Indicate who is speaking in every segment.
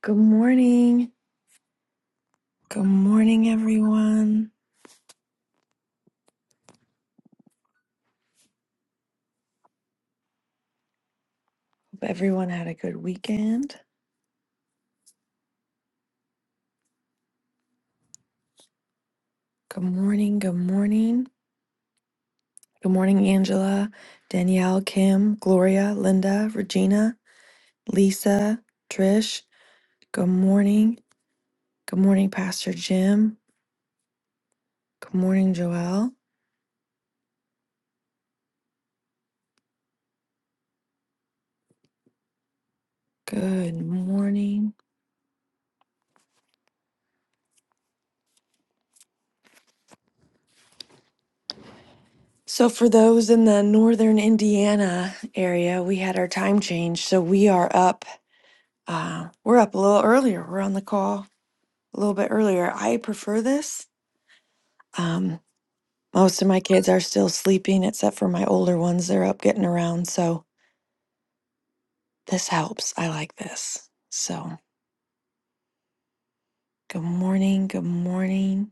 Speaker 1: Good morning. Good morning, everyone. Hope everyone had a good weekend. Good morning. Good morning. Good morning, Angela, Danielle, Kim, Gloria, Linda, Regina, Lisa, Trish. Good morning. Good morning, Pastor Jim. Good morning, Joelle. Good morning. So, for those in the northern Indiana area, we had our time change. So, we are up. Uh, we're up a little earlier. We're on the call a little bit earlier. I prefer this. Um, most of my kids are still sleeping, except for my older ones. They're up getting around. So this helps. I like this. So good morning. Good morning.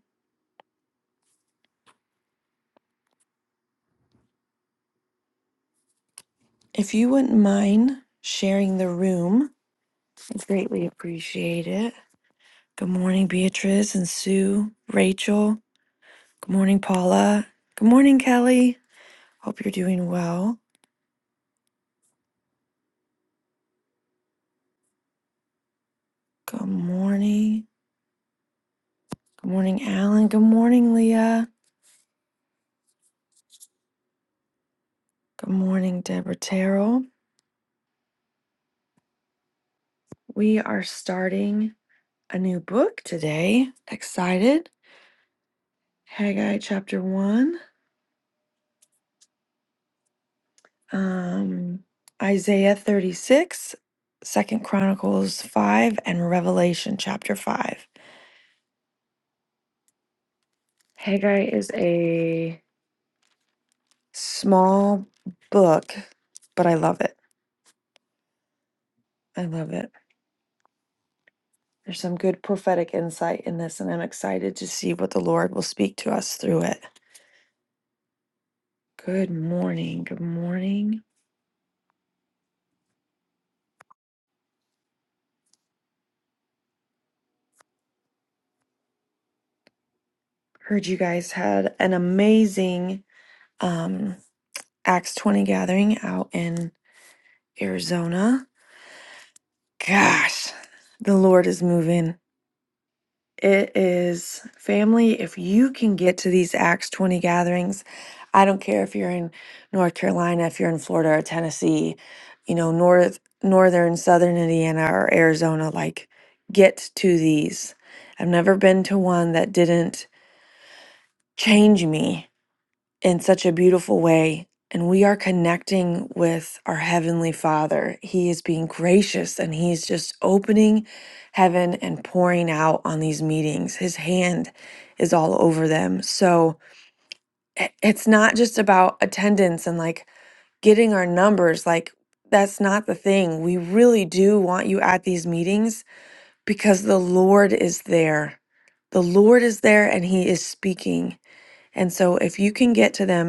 Speaker 1: If you wouldn't mind sharing the room, I greatly appreciate it. Good morning, Beatrice and Sue, Rachel. Good morning, Paula. Good morning, Kelly. Hope you're doing well. Good morning. Good morning, Alan. Good morning, Leah. Good morning, Deborah Terrell. We are starting a new book today. Excited. Haggai chapter 1, um, Isaiah thirty-six, Second Chronicles 5, and Revelation chapter 5. Haggai is a small book, but I love it. I love it. There's some good prophetic insight in this, and I'm excited to see what the Lord will speak to us through it. Good morning. Good morning. Heard you guys had an amazing um, Acts 20 gathering out in Arizona. Gosh, the Lord is moving. It is family. If you can get to these Acts 20 gatherings, I don't care if you're in North Carolina, if you're in Florida or Tennessee, you know, north, northern, southern Indiana or Arizona, like get to these. I've never been to one that didn't change me in such a beautiful way. And we are connecting with our Heavenly Father. He is being gracious and He's just opening heaven and pouring out on these meetings. His hand is all over them. So i- it's not just about attendance and like getting our numbers. Like, that's not the thing. We really do want you at these meetings because the Lord is there. The Lord is there and He is speaking. And so if you can get to them,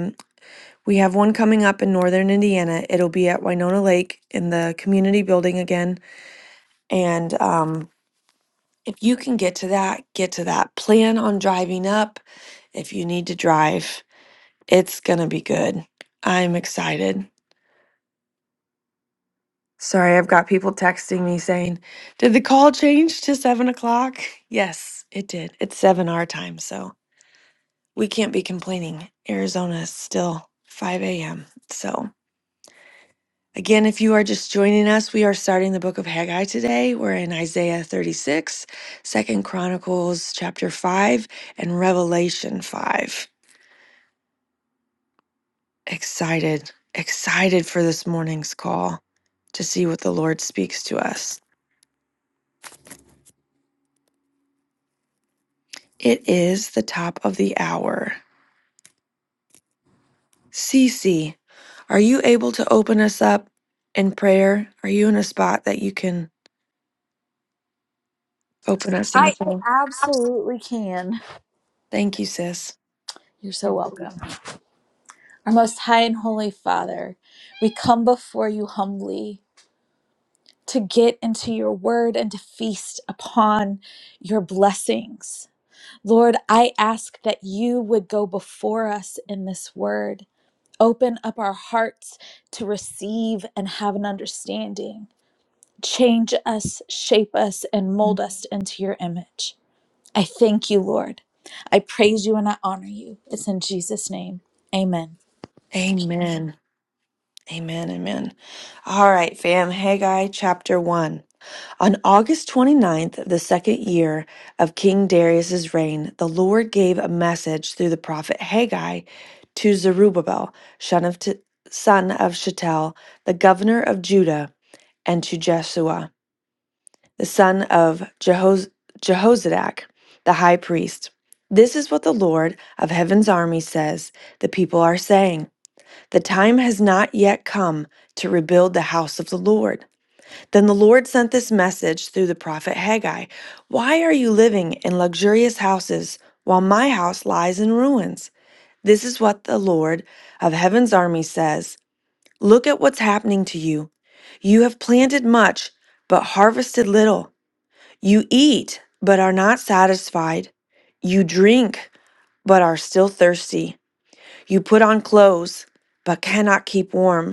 Speaker 1: we have one coming up in northern Indiana. It'll be at Winona Lake in the community building again. And um, if you can get to that, get to that. Plan on driving up if you need to drive. It's going to be good. I'm excited. Sorry, I've got people texting me saying, Did the call change to seven o'clock? Yes, it did. It's seven our time. So we can't be complaining. Arizona is still 5 a.m. So. Again, if you are just joining us, we are starting the book of Haggai today. We're in Isaiah 36, Second Chronicles chapter 5, and Revelation 5. Excited, excited for this morning's call to see what the Lord speaks to us. It is the top of the hour. Cece, are you able to open us up in prayer? Are you in a spot that you can open us in
Speaker 2: I
Speaker 1: the call?
Speaker 2: absolutely can.
Speaker 1: Thank you, sis.
Speaker 2: You're so welcome. Our most high and holy Father, we come before you humbly to get into your word and to feast upon your blessings. Lord, I ask that you would go before us in this word. Open up our hearts to receive and have an understanding. Change us, shape us, and mold us into your image. I thank you, Lord. I praise you and I honor you. It's in Jesus' name. Amen.
Speaker 1: Amen. Amen. Amen. All right, fam. Haggai chapter 1. On August 29th, of the second year of King Darius's reign, the Lord gave a message through the prophet Haggai to Zerubbabel, son of, T- son of Shealtiel, the governor of Judah, and to Jeshua, the son of Jehoz- Jehozadak, the high priest. This is what the Lord of heaven's army says the people are saying. The time has not yet come to rebuild the house of the Lord then the Lord sent this message through the prophet Haggai Why are you living in luxurious houses while my house lies in ruins? This is what the Lord of heaven's army says Look at what's happening to you. You have planted much, but harvested little. You eat, but are not satisfied. You drink, but are still thirsty. You put on clothes, but cannot keep warm.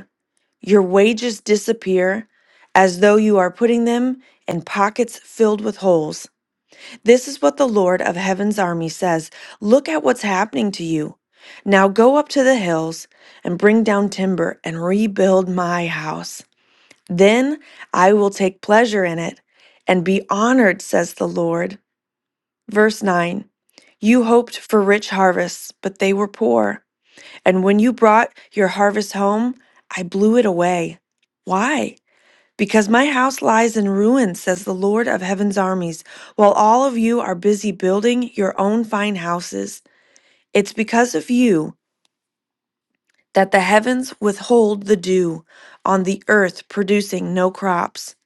Speaker 1: Your wages disappear as though you are putting them in pockets filled with holes. This is what the Lord of heaven's army says Look at what's happening to you. Now go up to the hills and bring down timber and rebuild my house. Then I will take pleasure in it and be honored, says the Lord. Verse 9 You hoped for rich harvests, but they were poor. And when you brought your harvest home, I blew it away. Why? Because my house lies in ruins, says the Lord of heaven's armies, while all of you are busy building your own fine houses. It's because of you that the heavens withhold the dew on the earth, producing no crops.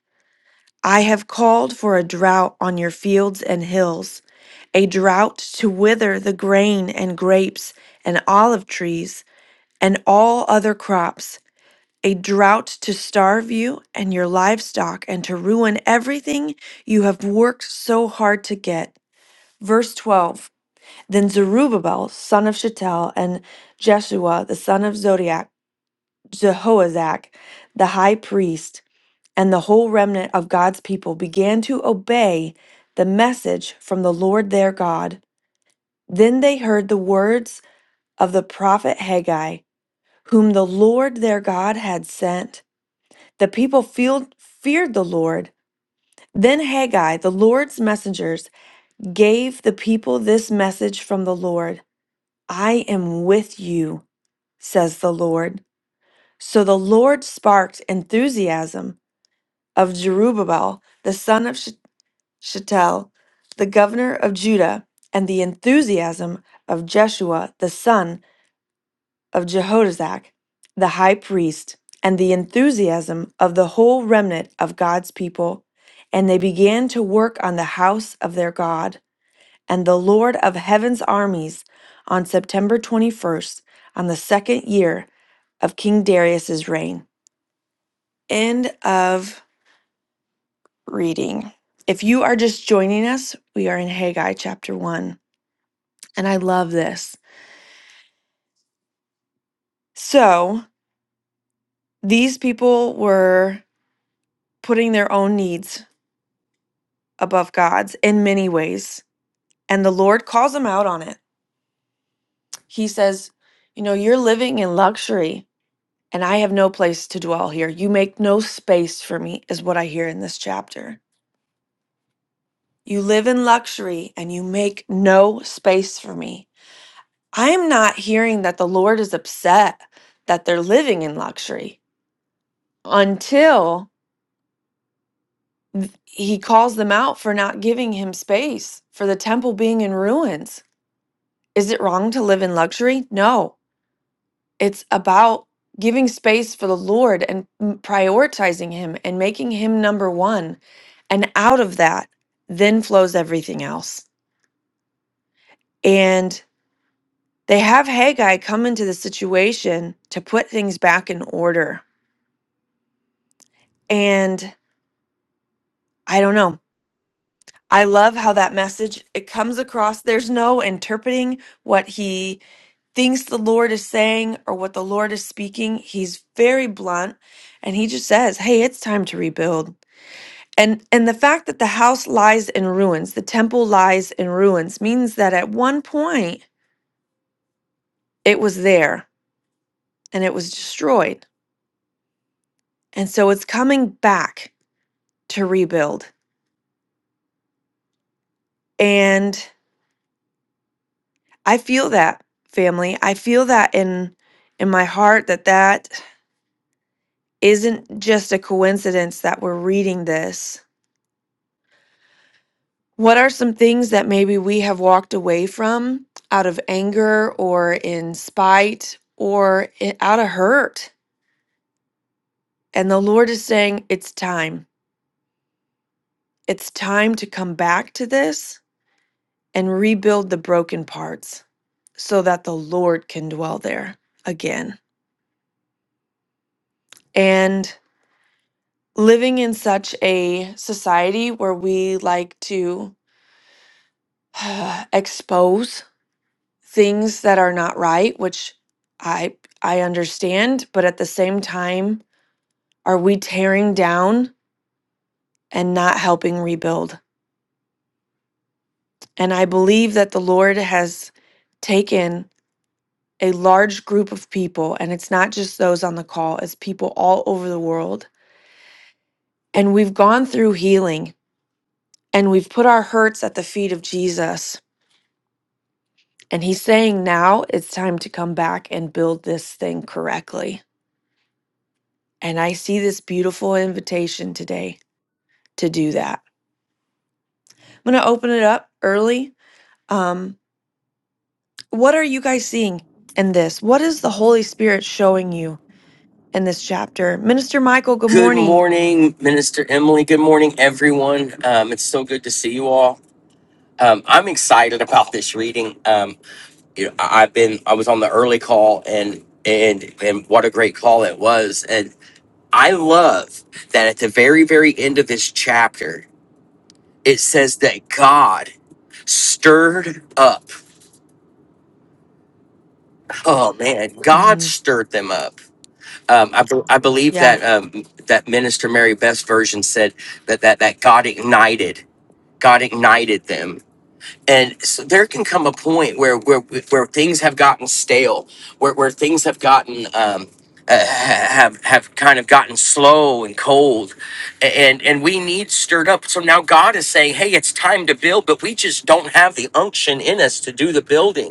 Speaker 1: I have called for a drought on your fields and hills, a drought to wither the grain and grapes and olive trees and all other crops a drought to starve you and your livestock and to ruin everything you have worked so hard to get. Verse 12 Then Zerubbabel, son of Shealtiel, and Jeshua, the son of Zodiac, Jehoazak, the high priest, and the whole remnant of God's people began to obey the message from the Lord their God. Then they heard the words of the prophet Haggai, whom the Lord their God had sent. The people feel- feared the Lord. Then Haggai, the Lord's messengers, gave the people this message from the Lord I am with you, says the Lord. So the Lord sparked enthusiasm of Jerubbaal, the son of Sh- Shealtiel, the governor of Judah, and the enthusiasm of Jeshua, the son of Jehozadak, the high priest, and the enthusiasm of the whole remnant of God's people. And they began to work on the house of their God and the Lord of heaven's armies on September 21st, on the second year of King Darius's reign. End of reading. If you are just joining us, we are in Haggai chapter 1. And I love this. So these people were putting their own needs above God's in many ways. And the Lord calls him out on it. He says, You know, you're living in luxury, and I have no place to dwell here. You make no space for me, is what I hear in this chapter. You live in luxury and you make no space for me. I am not hearing that the Lord is upset that they're living in luxury until he calls them out for not giving him space for the temple being in ruins. Is it wrong to live in luxury? No. It's about giving space for the Lord and m- prioritizing Him and making Him number one. And out of that, then flows everything else. And they have Haggai come into the situation to put things back in order. And I don't know. I love how that message it comes across. There's no interpreting what he thinks the Lord is saying or what the Lord is speaking. He's very blunt and he just says, Hey, it's time to rebuild. And and the fact that the house lies in ruins, the temple lies in ruins means that at one point it was there and it was destroyed. And so it's coming back to rebuild. And I feel that family. I feel that in in my heart that that isn't just a coincidence that we're reading this. What are some things that maybe we have walked away from out of anger or in spite or i- out of hurt? And the Lord is saying, it's time. It's time to come back to this and rebuild the broken parts so that the Lord can dwell there again. And living in such a society where we like to expose things that are not right, which I I understand, but at the same time, are we tearing down and not helping rebuild? And I believe that the Lord has taken a large group of people, and it's not just those on the call, it's people all over the world. And we've gone through healing and we've put our hurts at the feet of Jesus. And he's saying now it's time to come back and build this thing correctly. And I see this beautiful invitation today to do that. I'm going to open it up early. Um, what are you guys seeing in this? What is the Holy Spirit showing you in this chapter? Minister Michael, good
Speaker 3: Good
Speaker 1: morning.
Speaker 3: morning, Minister Emily. Good morning, everyone. Um, it's so good to see you all. Um, I'm excited about this reading. Um, you know, I- I've been I was on the early call, and and and what a great call it was. And I love that at the very very end of this chapter, it says that God stirred up. Oh man, God
Speaker 1: hmm
Speaker 3: stirred them up. Um, I, be- I believe
Speaker 1: Yeah.
Speaker 3: that um, that Minister Mary Best version said that that that God ignited God ignited them. And so there can come a point where where where things have gotten stale, where where things have gotten um, uh, have have kind of gotten slow and cold, and and we need stirred up. So now God is saying, "Hey, it's time to build," but we just don't have the unction in us to do the building.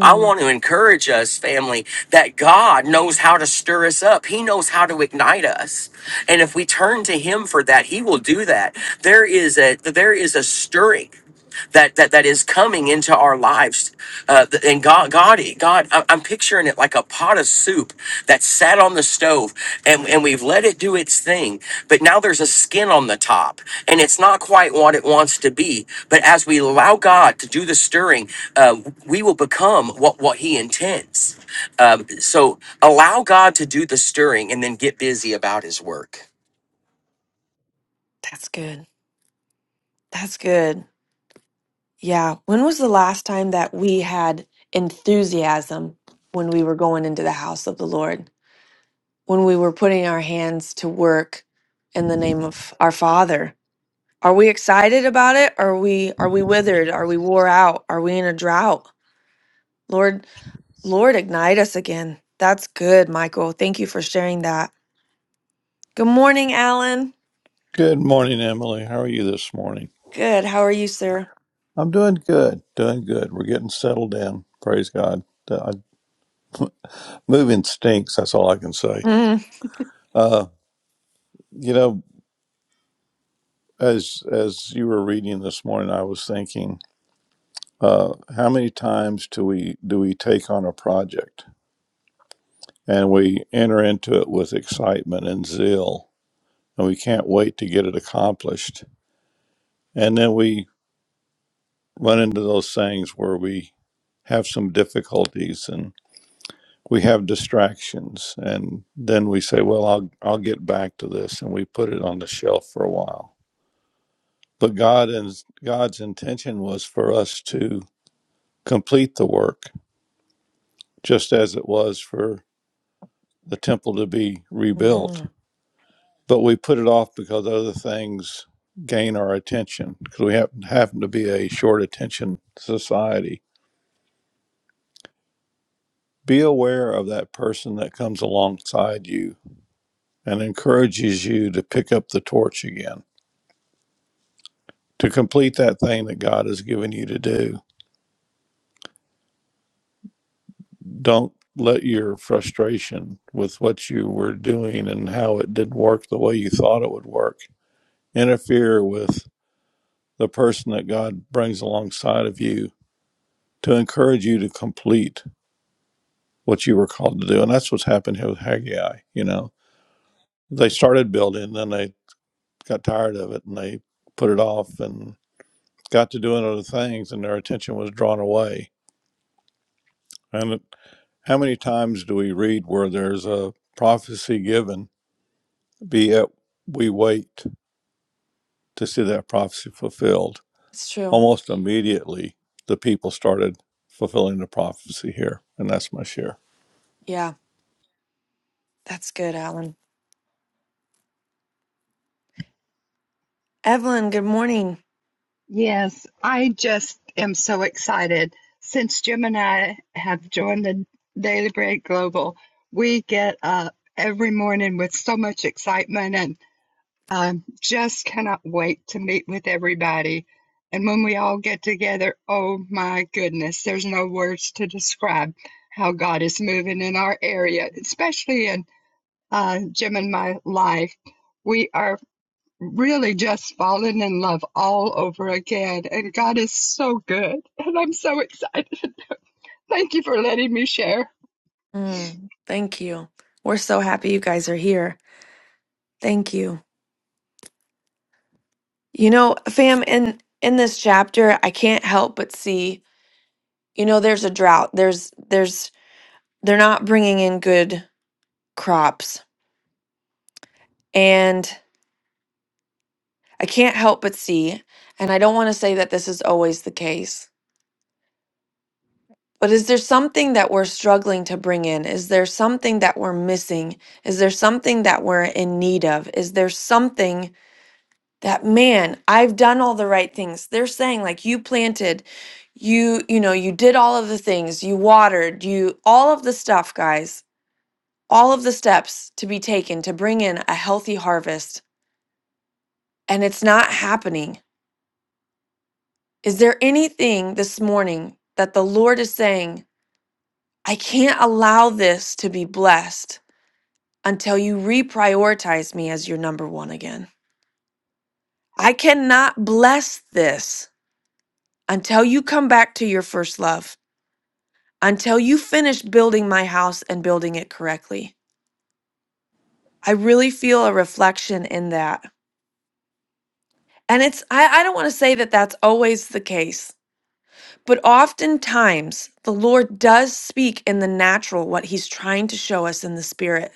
Speaker 3: I want to encourage us, family, that God knows how to stir us up. He knows how to ignite us. And if we turn to him for that, he will do that. There is a there is a stirring that that that is coming into our lives. Uh, th- and God, God, God, I- I'm picturing it like a pot of soup that sat on the stove, and and we've let it do its thing. But now there's a skin on the top, and it's not quite what it wants to be. But as we allow God to do the stirring, uh, we will become what what He intends. Um, so allow God to do the stirring, and then get busy about His work.
Speaker 1: That's good. That's good. Yeah. When was the last time that we had enthusiasm when we were going into the house of the Lord? When we were putting our hands to work in the name of our Father? Are we excited about it? Are we are we withered? Are we wore out? Are we in a drought? Lord, Lord, ignite us again. That's good, Michael. Thank you for sharing that. Good morning, Alan.
Speaker 4: Good morning, Emily. How are you this morning?
Speaker 1: Good. How are you, sir?
Speaker 4: I'm doing good, doing good. We're getting settled in. Praise God. Uh, moving stinks. That's all I can say.
Speaker 1: Mm.
Speaker 4: Uh, you know, as as you were reading this morning, I was thinking, uh, how many times do we do we take on a project and we enter into it with excitement and zeal, and we can't wait to get it accomplished, and then we run into those things where we have some difficulties and. we have distractions and then we say well I'll I'll get back to this and we put it on the shelf for a while but God and God's intention was for us to complete the work just as it was for the temple to be rebuilt
Speaker 1: hmm
Speaker 4: but we put it off because other things gain our attention because we happen, happen to be a short attention society be aware of that person that comes alongside you and encourages you to pick up the torch again to complete that thing that God has given you to do. Don't let your frustration with what you were doing and how it didn't work the way you thought it would work interfere with the person that God brings alongside of you to encourage you to complete what you were called to do. And that's what's happened here with Haggai. You know, they started building, then they got tired of it and they put it off and got to doing other things, and their attention was drawn away. and. How many times do we read where there's a prophecy given, be yet we wait to see that prophecy fulfilled?
Speaker 1: It's true.
Speaker 4: Almost immediately, the people started fulfilling the prophecy here. And that's my share.
Speaker 1: Yeah, that's good, Alan. Evelyn, good morning.
Speaker 5: Yes, I just am so excited. Since Jim and I have joined the Daily Bread Global, we get up every morning with so much excitement and um, just cannot wait to meet with everybody. And when we all get together, oh my goodness, there's no words to describe how God is moving in our area, especially in uh, Jim and my life. We are really just fallen in love all over again. And God is so good. And I'm so excited. Thank you for letting me share.
Speaker 1: Mm, thank you. We're so happy you guys are here. Thank you. You know, fam, in in this chapter, I can't help but see. You know, there's a drought. There's there's they're not bringing in good crops, and I can't help but see, and I don't want to say that this is always the case, but is there something that we're struggling to bring in? Is there something that we're missing? Is there something that we're in need of? Is there something that, man, I've done all the right things? They're saying, like, you planted, you, you know, you did all of the things, you watered, you, all of the stuff, guys, all of the steps to be taken to bring in a healthy harvest, and it's not happening. Is there anything this morning that the Lord is saying, I can't allow this to be blessed until you reprioritize me as your number one again? I cannot bless this until you come back to your first love, until you finish building my house and building it correctly. I really feel a reflection in that. And it's, I, I don't want to say that that's always the case, but oftentimes the Lord does speak in the natural what he's trying to show us in the spirit.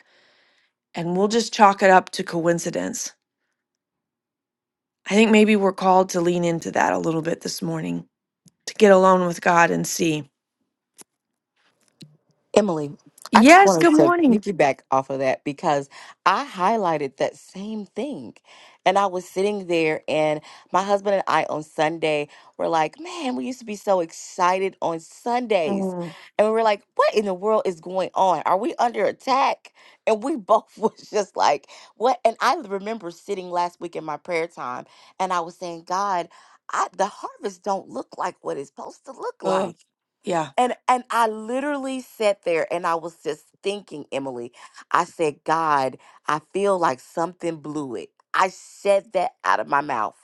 Speaker 1: and we'll just chalk it up to coincidence. I think maybe we're called to lean into that a little bit this morning to get alone with God and see.
Speaker 6: Emily, I just
Speaker 1: Yes,
Speaker 6: wanted
Speaker 1: good
Speaker 6: to
Speaker 1: morning.
Speaker 6: piggyback off of that because I highlighted that same thing. And I was sitting there, and my husband and I on Sunday were like, Man, we used to be so excited on Sundays.
Speaker 1: Mm.
Speaker 6: And we were like, What in the world is going on? Are we under attack? And we both was just like, What? And I remember sitting last week in my prayer time, and I was saying, God, I, the harvest don't look like what it's supposed to look like
Speaker 1: Oh, yeah.
Speaker 6: and and I literally sat there and I was just thinking, Emily. I said, God, I feel like something blew it. I said that out of my mouth.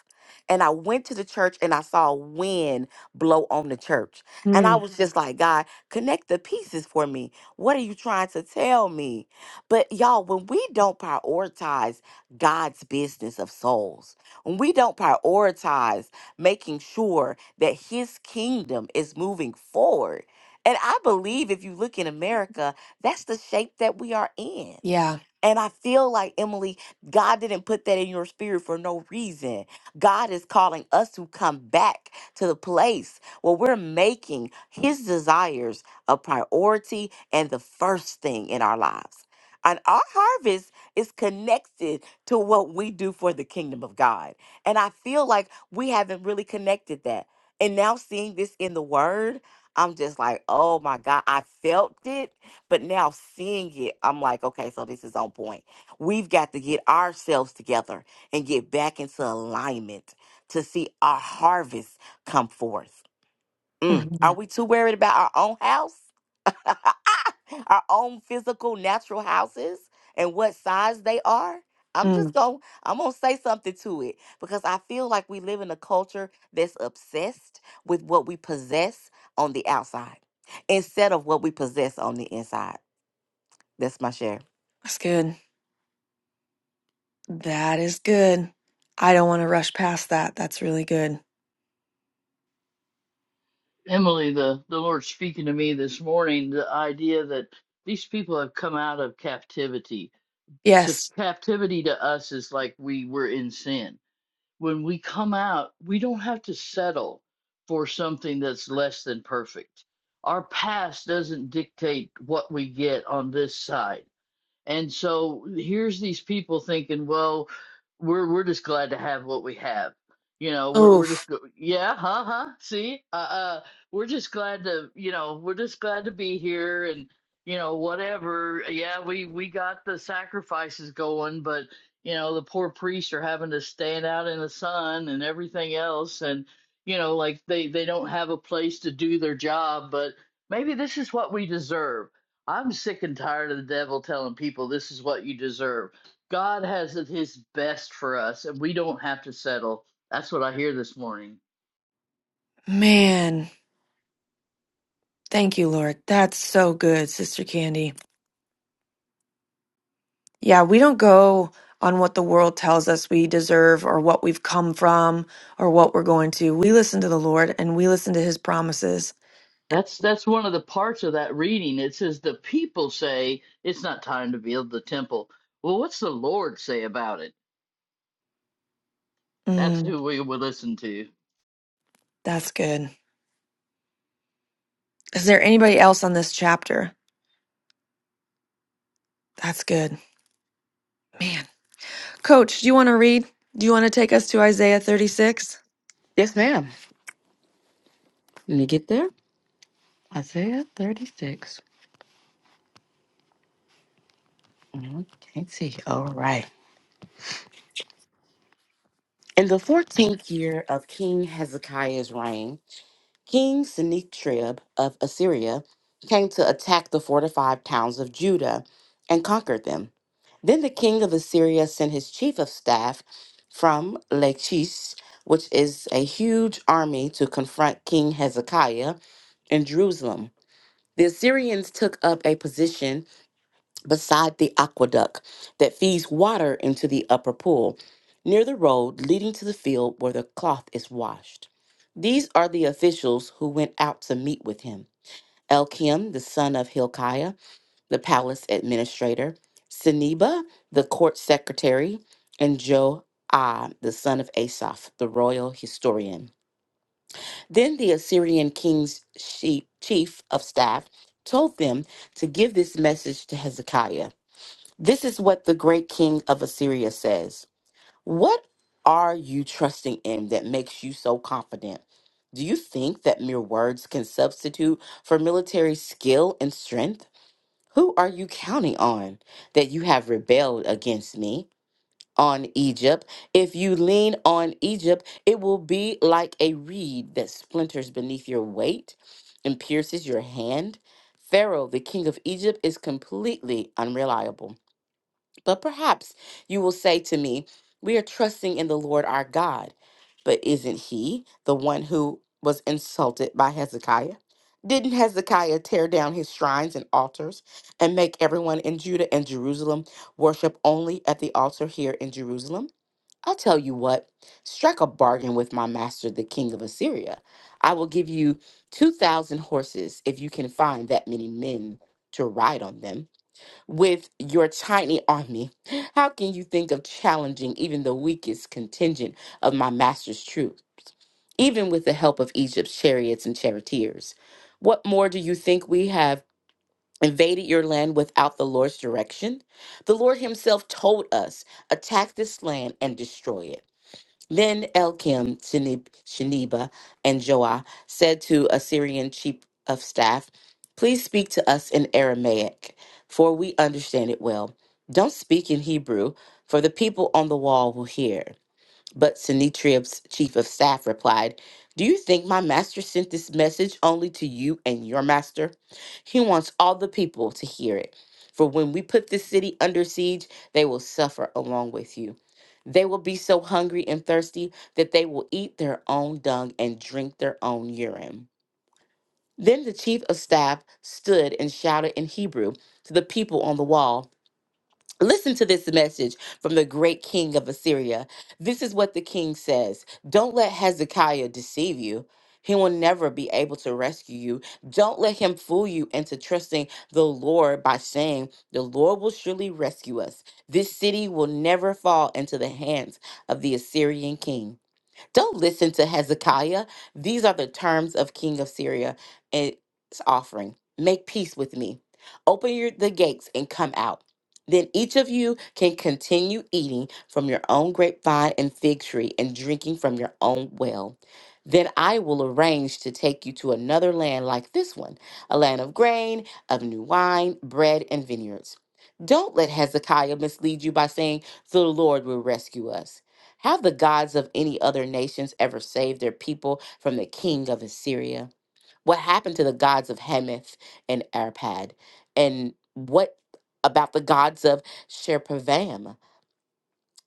Speaker 6: And I went to the church and I saw wind blow on the church. And I
Speaker 1: Mm.
Speaker 6: was Mhm. just like, God, connect the pieces for me. What are you trying to tell me? But y'all, when we don't prioritize God's business of souls, when we don't prioritize making sure that his kingdom is moving forward, and I believe if you look in America, that's the shape that we are in.
Speaker 1: Yeah.
Speaker 6: And I feel like, Emily, God didn't put that in your spirit for no reason. God is calling us to come back to the place where we're making his desires a priority and the first thing in our lives. And our harvest is connected to what we do for the kingdom of God. And I feel like we haven't really connected that. And now seeing this in the word, I'm just like, oh my God, I felt it but now seeing it, I'm like, okay, so this is on point. We've got to get ourselves together and get back into alignment to see our harvest come forth. Mm. Are
Speaker 1: Mhm.
Speaker 6: we too worried about our own house, our own physical, natural houses, and what size they are? I'm just
Speaker 1: Mm.
Speaker 6: going to I'm going to say something to it because I feel like we live in a culture that's obsessed with what we possess on the outside instead of what we possess on the inside. That's my share.
Speaker 1: That's good. That is good. I don't want to rush past that. That's really good.
Speaker 7: Emily, the, the Lord speaking to me this morning, the idea that these people have come out of captivity. To
Speaker 1: Yes.
Speaker 7: captivity to us is like we were in sin. When we come out, we don't have to settle for something that's less than perfect. Our past doesn't dictate what we get on this side. And so here's these people thinking, well, we're we're just glad to have what we have. You know, we're we're just
Speaker 1: Oof.
Speaker 7: go- yeah, huh, huh. See, uh, uh, we're just glad to, you know, we're just glad to be here, and you know, whatever. Yeah, we we got the sacrifices going, but you know, the poor priests are having to stand out in the sun and everything else, and you know, like they they don't have a place to do their job, but maybe this is what we deserve I'm sick and tired of the devil telling people this is what you deserve. God has his best for us and we don't have to settle. That's what I hear this morning.
Speaker 1: Man. Thank you, Lord. That's so good, Sister Candy. Yeah, we don't go on what the world tells us we deserve or what we've come from or what we're going to. We listen to the Lord and we listen to his promises.
Speaker 7: That's that's one of the parts of that reading. It says the people say it's not time to build the temple. Well, what's the Lord say about it? That's
Speaker 1: Mm,
Speaker 7: who we will listen to.
Speaker 1: that's good. Is there anybody else on this chapter? That's good. Man. Coach, do you want to read? Do you want to take us to Isaiah 36?
Speaker 6: Yes, ma'am. Let me get there. Isaiah 36. Mm, Can't see. All right. In the 14th year of King Hezekiah's reign, King Sennacherib of Assyria came to attack the fortified towns of Judah and conquered them. Then the king of Assyria sent his chief of staff from Lachish, which is a huge army, to confront King Hezekiah in Jerusalem. The Assyrians took up a position beside the aqueduct that feeds water into the upper pool, near the road leading to the field where the cloth is washed. These are the officials who went out to meet with him Elkim, the son of Hilkiah, the palace administrator, Seneba, the court secretary, and Joah, the son of Asaph, the royal historian. Then the Assyrian king's sheep, chief of staff told them to give this message to Hezekiah. This is what the great king of Assyria says What are you trusting in that makes you so confident? Do you think that mere words can substitute for military skill and strength? Who are you counting on that you have rebelled against me? On Egypt. If you lean on Egypt, it will be like a reed that splinters beneath your weight and pierces your hand. Pharaoh, the king of Egypt, is completely unreliable. But perhaps you will say to me, We are trusting in the Lord our God. But isn't he the one who was insulted by Hezekiah? Didn't Hezekiah tear down his shrines and altars and make everyone in Judah and Jerusalem worship only at the altar here in Jerusalem? I'll tell you what, strike a bargain with my master, the king of Assyria. I will give you 2,000 horses if you can find that many men to ride on them with your tiny army? How can you think of challenging even the weakest contingent of my master's troops? even with the help of Egypt's chariots and charioteers? What more do you think we have invaded your land without the Lord's direction? The Lord Himself told us, attack this land and destroy it. Then Elkim, Shenib- Sheniba, and Joah said to Assyrian chief of staff, Please speak to us in Aramaic, for we understand it well. Don't speak in Hebrew, for the people on the wall will hear. But Sinitrib's chief of staff replied, Do you think my master sent this message only to you and your master? He wants all the people to hear it. For when we put this city under siege, they will suffer along with you. They will be so hungry and thirsty that they will eat their own dung and drink their own urine. Then the chief of staff stood and shouted in Hebrew to the people on the wall. Listen to this message from the great king of Assyria. This is what the king says Don't let Hezekiah deceive you. He will never be able to rescue you. Don't let him fool you into trusting the Lord by saying, The Lord will surely rescue us. This city will never fall into the hands of the Assyrian king. Don't listen to Hezekiah. These are the terms of King of Syria and its offering. Make peace with me. Open your, the gates and come out. Then each of you can continue eating from your own grapevine and fig tree and drinking from your own well. Then I will arrange to take you to another land like this one, a land of grain, of new wine, bread, and vineyards. Don't let Hezekiah mislead you by saying, The Lord will rescue us. Have the gods of any other nations ever saved their people from the king of Assyria? What happened to the gods of Hamath and Arpad? And what about the gods of Sherpavam?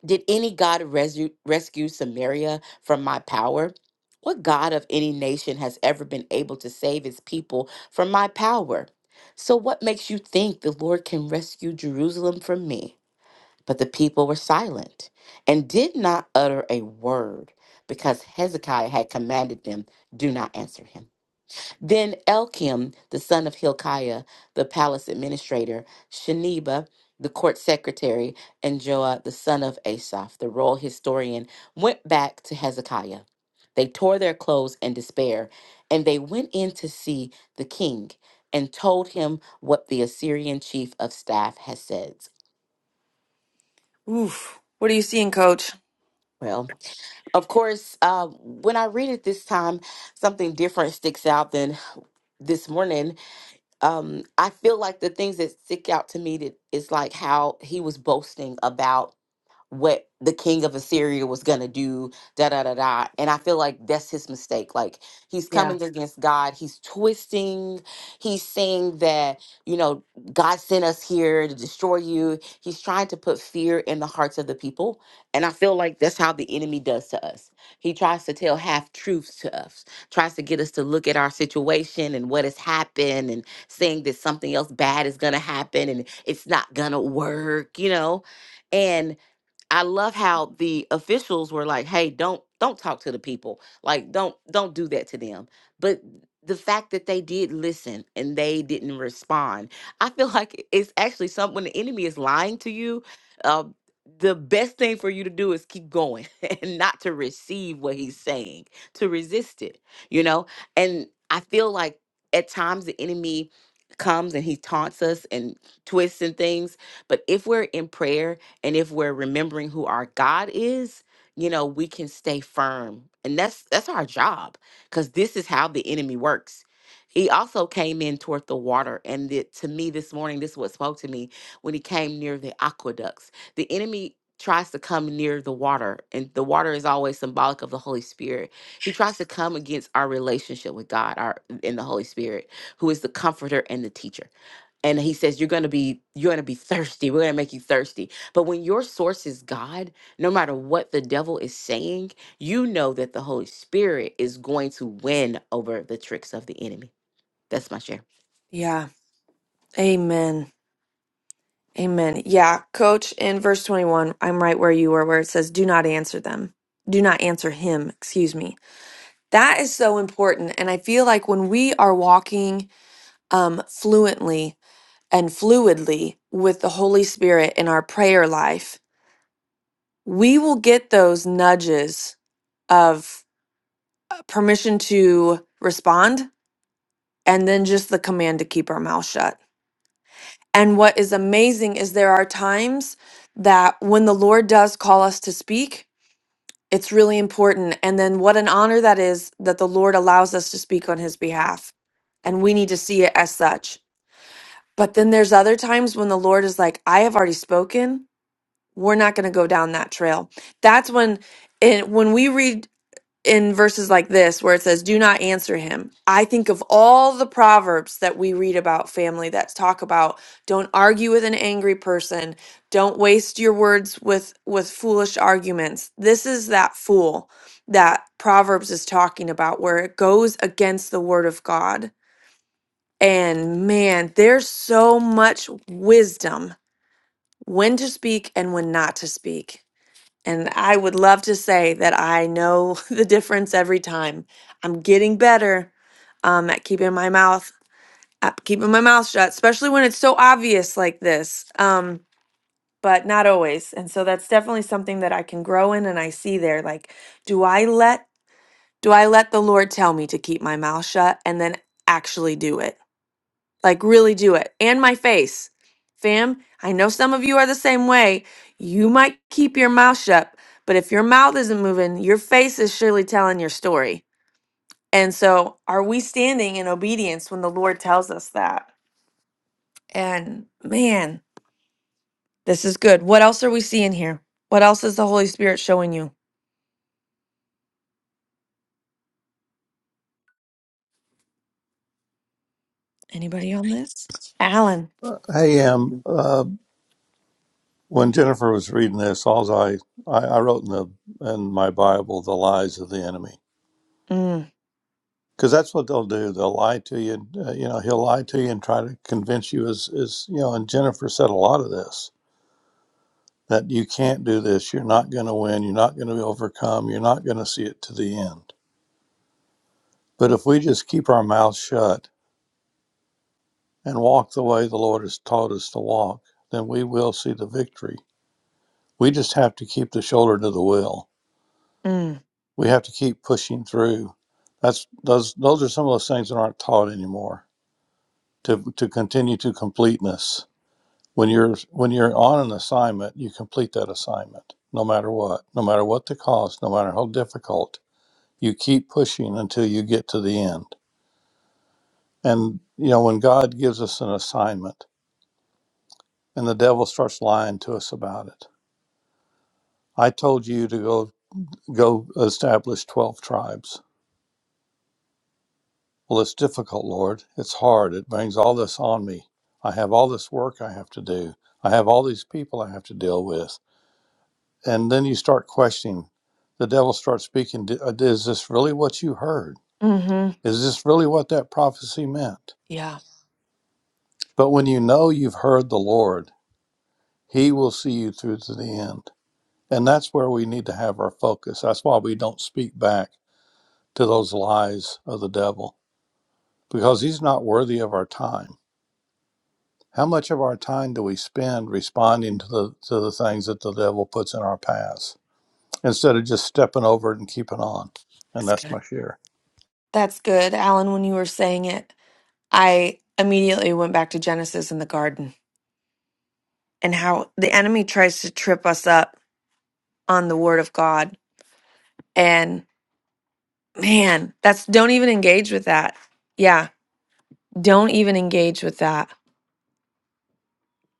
Speaker 6: Did any god resu- rescue Samaria from my power? What god of any nation has ever been able to save his people from my power? So, what makes you think the Lord can rescue Jerusalem from me? But the people were silent and did not utter a word because Hezekiah had commanded them, Do not answer him. Then Elkim, the son of Hilkiah, the palace administrator, Sheneba, the court secretary, and Joah, the son of Asaph, the royal historian, went back to Hezekiah. They tore their clothes in despair, and they went in to see the king and told him what the Assyrian chief of staff had said.
Speaker 1: Oof. What are you seeing, coach?
Speaker 6: Well, Of course, uh, when I read it this time, something different sticks out than this morning. Um, I feel like the things that stick out to me that is like how he was boasting about what the king of Assyria was going to do, da da da da. And I feel like that's his mistake. Like he's
Speaker 1: Yeah.
Speaker 6: coming against God, he's twisting, he's saying that, you know, God sent us here to destroy you. He's trying to put fear in the hearts of the people. And I feel like that's how the enemy does to us. He tries to tell half truths to us, tries to get us to look at our situation and what has happened and saying that something else bad is going to happen and it's not going to work, you know. And I love how the officials were like, "Hey, don't don't talk to the people. Like, don't don't do that to them." But the fact that they did listen and they didn't respond, I feel like it's actually something when the enemy is lying to you. Uh, the best thing for you to do is keep going and not to receive what he's saying, to resist it, you know? And I feel like at times the enemy comes and he taunts us and twists and things. But if we're in prayer and if we're remembering who our God is, you know, we can stay firm. And that's that's our job cuz this is how the enemy works. He also came in toward the water and the, to me this morning this is what spoke to me when he came near the aqueducts. The enemy tries to come near the water and the water is always symbolic of the Holy Spirit. He tries to come against our relationship with God, our in the Holy Spirit, who is the comforter and the teacher and he says you're going to be you're going to be thirsty we're going to make you thirsty but when your source is god no matter what the devil is saying you know that the holy spirit is going to win over the tricks of the enemy that's my share
Speaker 1: Yeah. Amen. Amen. Yeah, coach, in verse 21, I'm right where you were, where it says, Do not answer them. Do not answer him, excuse me. That is so important. And I feel like when we are walking um, fluently and fluidly with the Holy Spirit in our prayer life, we will get those nudges of uh, permission to respond and then just the command to keep our mouth shut. And what is amazing is there are times that when the Lord does call us to speak, it's really important. And then what an honor that is that the Lord allows us to speak on his behalf. And we need to see it as such. But then there's other times when the Lord is like, I have already spoken. We're not going to go down that trail. That's when and when we read in verses like this where it says do not answer him. I think of all the proverbs that we read about family that talk about don't argue with an angry person, don't waste your words with with foolish arguments. This is that fool that proverbs is talking about where it goes against the word of God and man, there's so much wisdom when to speak and when not to speak. And I would love to say that I know the difference every time. I'm getting better um, at keeping my mouth at keeping my mouth shut, especially when it's so obvious like this. Um, but not always. And so that's definitely something that I can grow in and I see there. Like, do I let do I let the Lord tell me to keep my mouth shut and then actually do it? Like, really do it. And my face. Fam, I know some of you are the same way. You might keep your mouth shut, but if your mouth isn't moving, your face is surely telling your story. And so, are we standing in obedience when the Lord tells us that? And man, this is good. What else are we seeing here? What else is the Holy Spirit showing you? Anybody on this? Alan.
Speaker 4: Hey, um, uh, when Jennifer was reading this, all I, I, I wrote in the in my Bible the lies of the enemy
Speaker 1: Mm,
Speaker 4: because that's what they'll do. They'll lie to you. uh, you know, he'll lie to you and try to convince you. as is you know? And Jennifer said a lot of this that you can't do this, you're not going to win, you're not going to overcome, you're not going to see it to the end. But if we just keep our mouths shut and walk the way the Lord has taught us to walk, then we will see the victory. We just have to keep the shoulder to the wheel.
Speaker 1: mm,
Speaker 4: We have to keep pushing through. That's those those are some of those things that aren't taught anymore. To to continue to completeness. When you're when you're on an assignment, you complete that assignment, no matter what, no matter what the cost, no matter how difficult You keep pushing until you get to the end. And, you know, when God gives us an assignment and the devil starts lying to us about it, I told you to go, go establish 12 tribes. Well, it's difficult, Lord. It's hard. It brings all this on me. I have all this work I have to do. I have all these people I have to deal with. And then you start questioning. The devil starts speaking. "D- uh, Is this really what you heard?
Speaker 1: mm-hmm.
Speaker 4: Is this really what that prophecy meant?
Speaker 1: Yeah,
Speaker 4: But when you know you've heard the Lord, He will see you through to the end. And that's where we need to have our focus. That's why we don't speak back to those lies of the devil, because he's not worthy of our time. How much of our time do we spend responding to the, to the things that the devil puts in our paths instead of just stepping over it and keeping on? And
Speaker 1: that's
Speaker 4: that's
Speaker 1: good.
Speaker 4: my share.
Speaker 1: That's good, Alan, when you were saying it. I immediately went back to Genesis in the garden and how the enemy tries to trip us up on the word of God. And man, that's don't even engage with that. Yeah, don't even engage with that.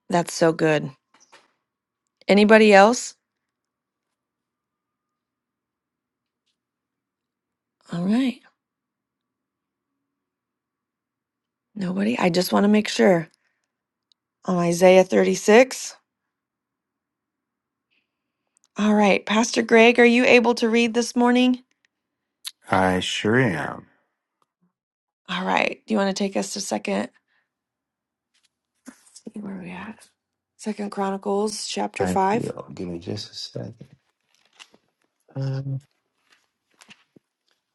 Speaker 1: That's so good. Anybody else? All right. Nobody. I just want to make sure. On Isaiah 36. All right. Pastor Greg, are you able to read this morning?
Speaker 8: I sure am.
Speaker 1: All right. Do you want to take us to second where are we at? Second Chronicles chapter
Speaker 8: I
Speaker 1: five?
Speaker 8: will. Give me just a second. Um,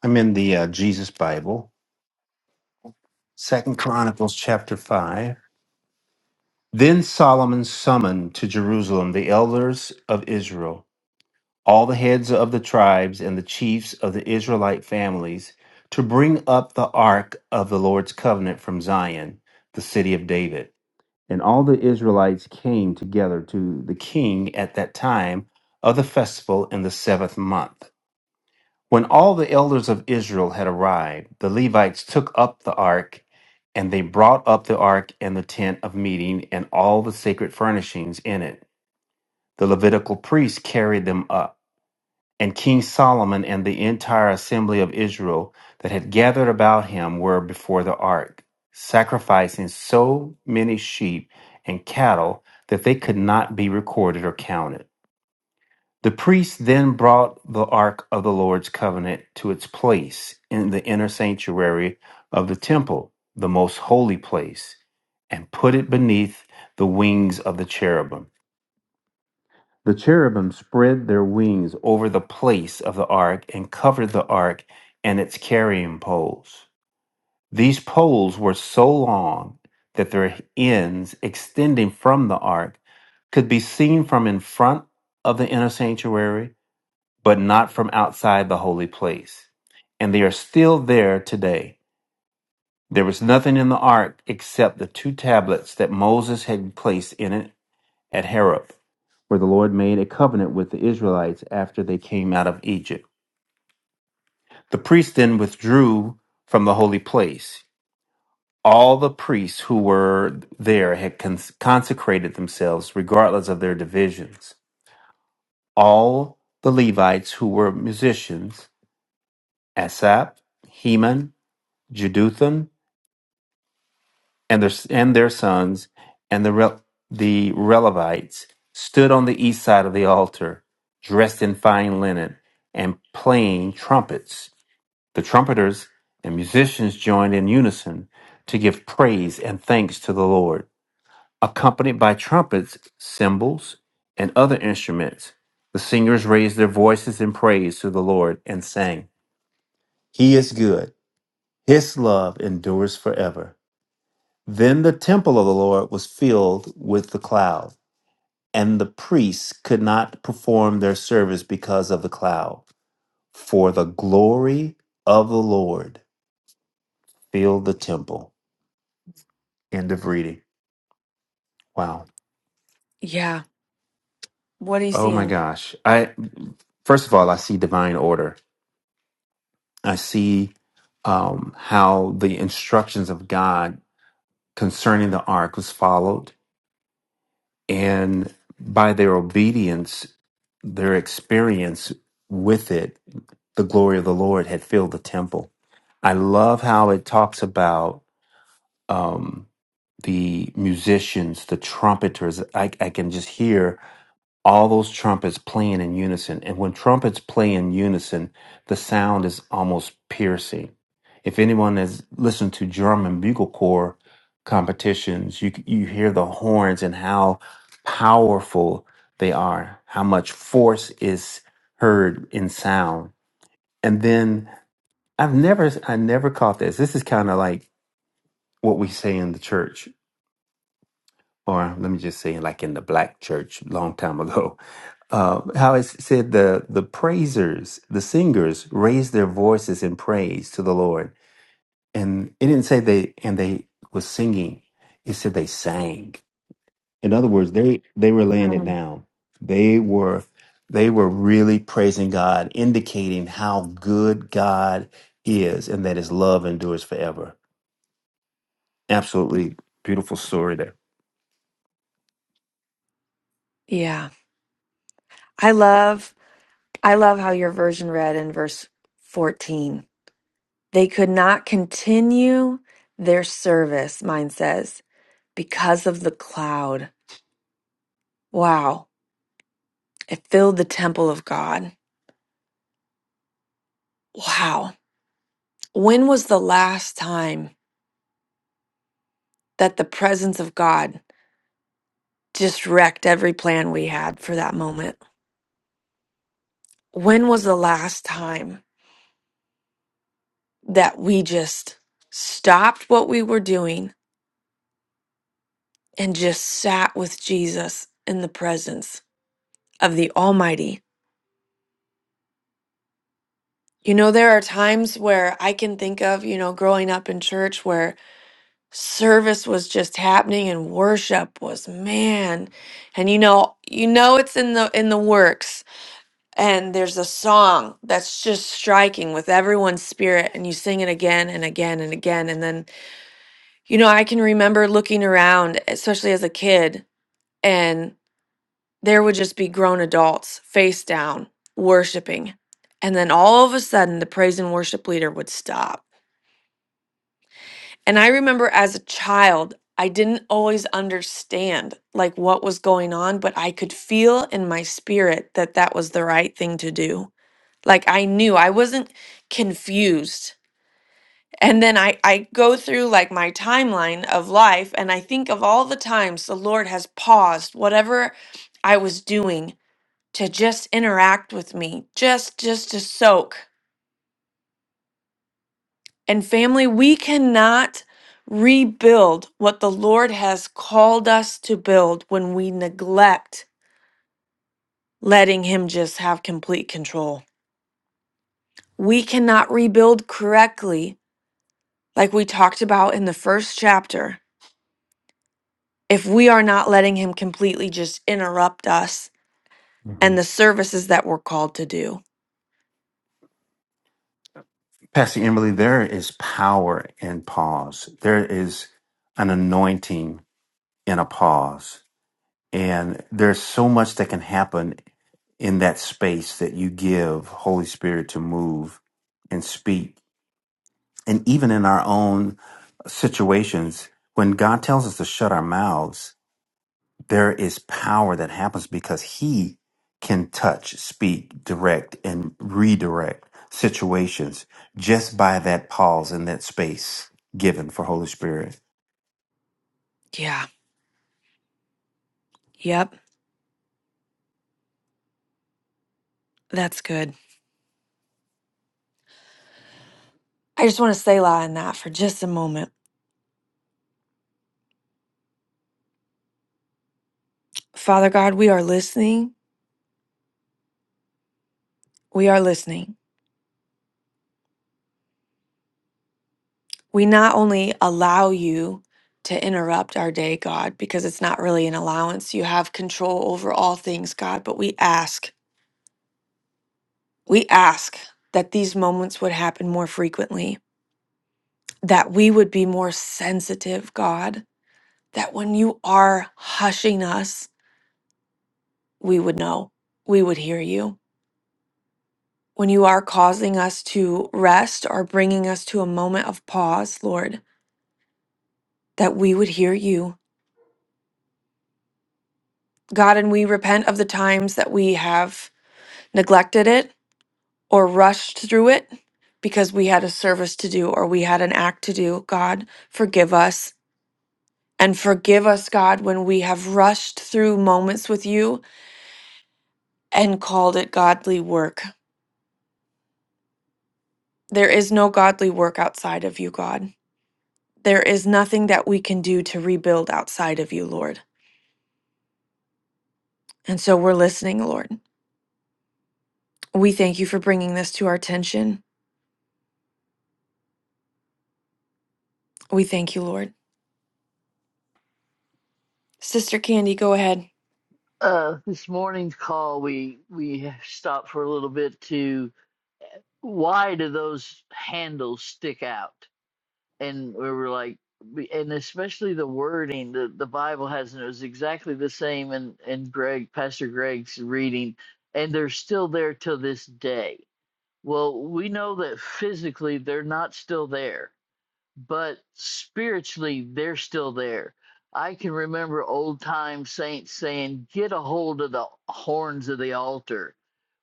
Speaker 8: I'm in the uh, Jesus Bible, Second Chronicles chapter five. Then Solomon summoned to Jerusalem the elders of Israel, all the heads of the tribes and the chiefs of the Israelite families, to bring up the ark of the Lord's covenant from Zion, the city of David. And all the Israelites came together to the king at that time of the festival in the seventh month. When all the elders of Israel had arrived, the Levites took up the ark, and they brought up the ark and the tent of meeting and all the sacred furnishings in it. The Levitical priests carried them up. And King Solomon and the entire assembly of Israel that had gathered about him were before the ark, sacrificing so many sheep and cattle that they could not be recorded or counted. The priest then brought the ark of the Lord's covenant to its place in the inner sanctuary of the temple, the most holy place, and put it beneath the wings of the cherubim. The cherubim spread their wings over the place of the ark and covered the ark and its carrying poles. These poles were so long that their ends extending from the ark could be seen from in front of the inner sanctuary but not from outside the holy place. And they are still there today. There was nothing in the ark except the two tablets that Moses had placed in it at Horeb, where the Lord made a covenant with the Israelites after they came out of Egypt. The priests then withdrew from the holy place. All the priests who were there had cons- consecrated themselves, regardless of their divisions. All the Levites who were musicians, Asaph, Heman, Jeduthun and their and their sons and the Re- the Relevites stood on the east side of the altar, dressed in fine linen and playing trumpets. The trumpeters and musicians joined in unison to give praise and thanks to the Lord, accompanied by trumpets, cymbals, and other instruments. The singers raised their voices in praise to the Lord and sang, "He is good; his love endures forever." Then the temple of the Lord was filled with the cloud, and the priests could not perform their service because of the cloud, for the glory of the Lord filled the temple. End of reading. Wow.
Speaker 1: Yeah. What are you
Speaker 8: Oh my
Speaker 1: seeing?
Speaker 8: gosh. I first of all, I see divine order. I see um, how the instructions of God concerning the ark was followed And by their obedience, their experience with it, the glory of the Lord had filled the temple. I love how it talks about um, the musicians, the trumpeters. I, I can just hear all those trumpets playing in unison. And when trumpets play in unison, the sound is almost piercing. If anyone has listened to drum and bugle corps competitions, you you hear the horns and how powerful they are, how much force is heard in sound. And then I've never I never caught this. This is kind of like what we say in the church, or let me just say like in the black church long time ago uh, how it said the the praisers, the singers raised their voices in praise to the Lord, and it didn't say they and they was singing. It said they sang. In other words, they they were laying it
Speaker 1: Um,
Speaker 8: down. They were they were really praising God, indicating how good God is and that His love endures forever. Absolutely beautiful story there.
Speaker 1: yeah. I love I love how your version read in verse 14. They could not continue their service, mine says, because of the cloud. Wow. It filled the temple of God. Wow. When was the last time that the presence of God just wrecked every plan we had for that moment? When was the last time that we just stopped what we were doing and just sat with Jesus in the presence of the Almighty. You know, there are times where I can think of, you know, growing up in church where service was just happening and worship was man and you know you know it's in the in the works and there's a song that's just striking with everyone's spirit and you sing it again and again and again and then you know I can remember looking around especially as a kid and. there would just be grown adults face down worshiping. And then all of a sudden, the praise and worship leader would stop. And I remember as a child, I didn't always understand like what was going on, but I could feel in my spirit that that was the right thing to do. Like I knew I wasn't confused. And then I, I go through like my timeline of life and I think of all the times the Lord has paused whatever I was doing to just interact with me, just just to soak. And family, we cannot rebuild what the Lord has called us to build when we neglect letting him just have complete control. We cannot rebuild correctly like we talked about in the first chapter if we are not letting him completely just interrupt us
Speaker 8: hmm
Speaker 1: and the services that we're called to do.
Speaker 8: Pastor Emily, there is power in pause. There is an anointing in a pause. And there's so much that can happen in that space that you give Holy Spirit to move and speak. And even in our own situations, when God tells us to shut our mouths, there is power that happens because He can touch, speak, direct, and redirect situations just by that pause in that space given for Holy Spirit.
Speaker 1: Yeah. Yep. That's good. I just want to stay lie on that for just a moment. Father God, we are listening. We are listening. We not only allow you to interrupt our day, God, because it's not really an allowance. You have control over all things, God, but we ask, we ask that these moments would happen more frequently, that we would be more sensitive, God, that when you are hushing us, we would know, we would hear you. When you are causing us to rest or bringing us to a moment of pause, Lord, that we would hear you God, and we repent of the times that we have neglected it or rushed through it because we had a service to do or we had an act to do. God, forgive us. And forgive us, God, when we have rushed through moments with you and called it godly work. There is no godly work outside of you, God. There is nothing that we can do to rebuild outside of you, Lord. And so we're listening, Lord. We thank you for bringing this to our attention. We thank you, Lord. Sister Candy, go ahead.
Speaker 7: Uh, this morning's call, we we stopped for a little bit to why do those handles stick out? and we were like we- and especially the wording the, the bible has and it was exactly the same in in greg pastor greg's reading and they're still there till this day well we know that physically they're not still there but spiritually they're still there. I can remember old time saints saying, "Get a hold of the horns of the altar."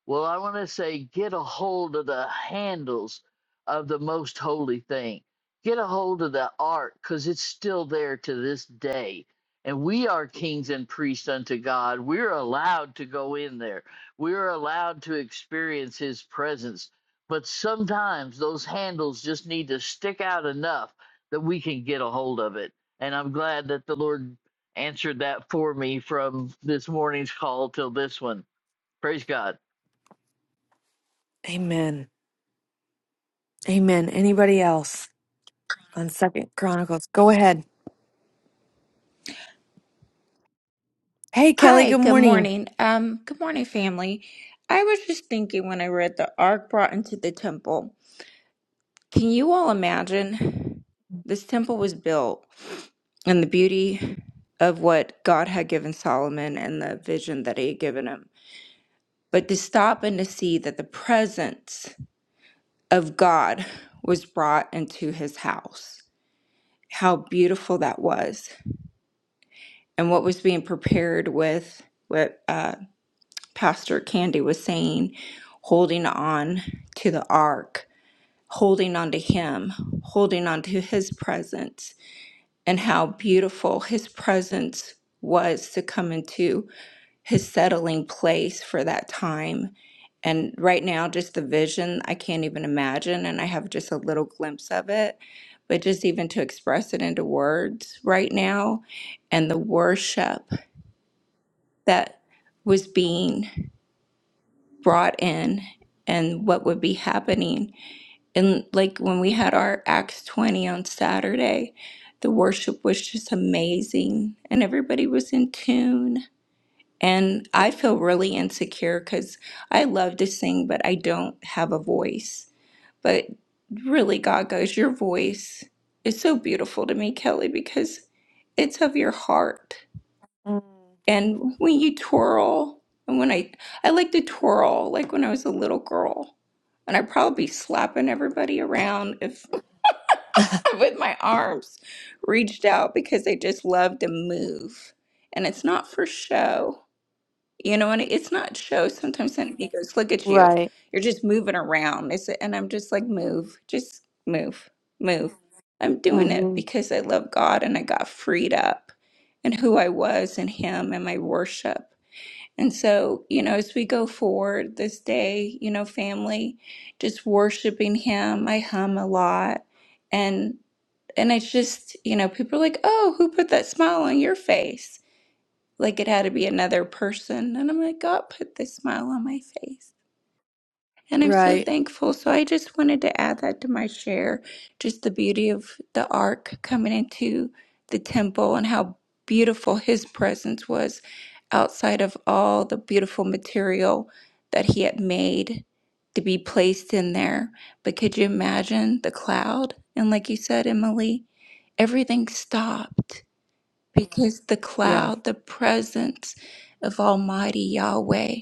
Speaker 7: Well, I want to say, get a hold of the handles of the most holy thing. Get a hold of the ark because it's still there to this day. And we are kings and priests unto God. We're allowed to go in there. We're allowed to experience his presence but sometimes those handles just need to stick out enough that we can get a hold of it. And I'm glad that the Lord answered that for me from this morning's call till this one. Praise God.
Speaker 1: Amen. Amen. Anybody else on Second Chronicles? Go ahead. Hey, Kelly.
Speaker 9: Hi,
Speaker 1: Good
Speaker 9: good
Speaker 1: morning.
Speaker 9: morning. Um, good morning, family. I was just thinking when I read the ark brought into the temple. Can you all imagine? This temple was built and the beauty of what God had given Solomon and the vision that he had given him. But to stop and to see that the presence of God was brought into his house, how beautiful that was, and what was being prepared with what uh, Pastor Candy was saying, holding on to the ark, holding on to Him, holding on to His presence, and how beautiful His presence was to come into His settling place for that time. And right now, just the vision, I can't even imagine. And I have just a little glimpse of it. But just even to express it into words right now, and the worship that was being brought in and what would be happening. And like when we had our Acts 20 on Saturday, the worship was just amazing and everybody was in tune. And I feel really insecure because I love to sing, but I don't have a voice. But really, God goes, Your voice is so beautiful to me, Kelly, because it's of your heart.
Speaker 1: Mm.
Speaker 9: And when you twirl, and when I I like to twirl, like when I was a little girl, and I'd probably be slapping everybody around if with my arms reached out because I just love to move, and it's not for show, you know. And it's not show. Sometimes somebody goes, "Look at you,
Speaker 1: Right.
Speaker 9: you're just moving around," it's, and I'm just like, "Move, just move, move." I'm doing it
Speaker 1: hmm
Speaker 9: because I love God and I got freed up and who I was in Him and my worship. And so, you know, as we go forward this day, you know, family, just worshiping him. I hum a lot. And and it's just, you know, people are like, Oh, who put that smile on your face? Like it had to be another person. And I'm like, God put this smile on my face. And I'm so
Speaker 1: Right.
Speaker 9: thankful. So I just wanted to add that to my share, just the beauty of the ark coming into the temple and how beautiful his presence was outside of all the beautiful material that he had made to be placed in there. But could you imagine the cloud? And like you said, Emily, everything stopped because the
Speaker 1: Yeah.
Speaker 9: cloud, the presence of Almighty Yahweh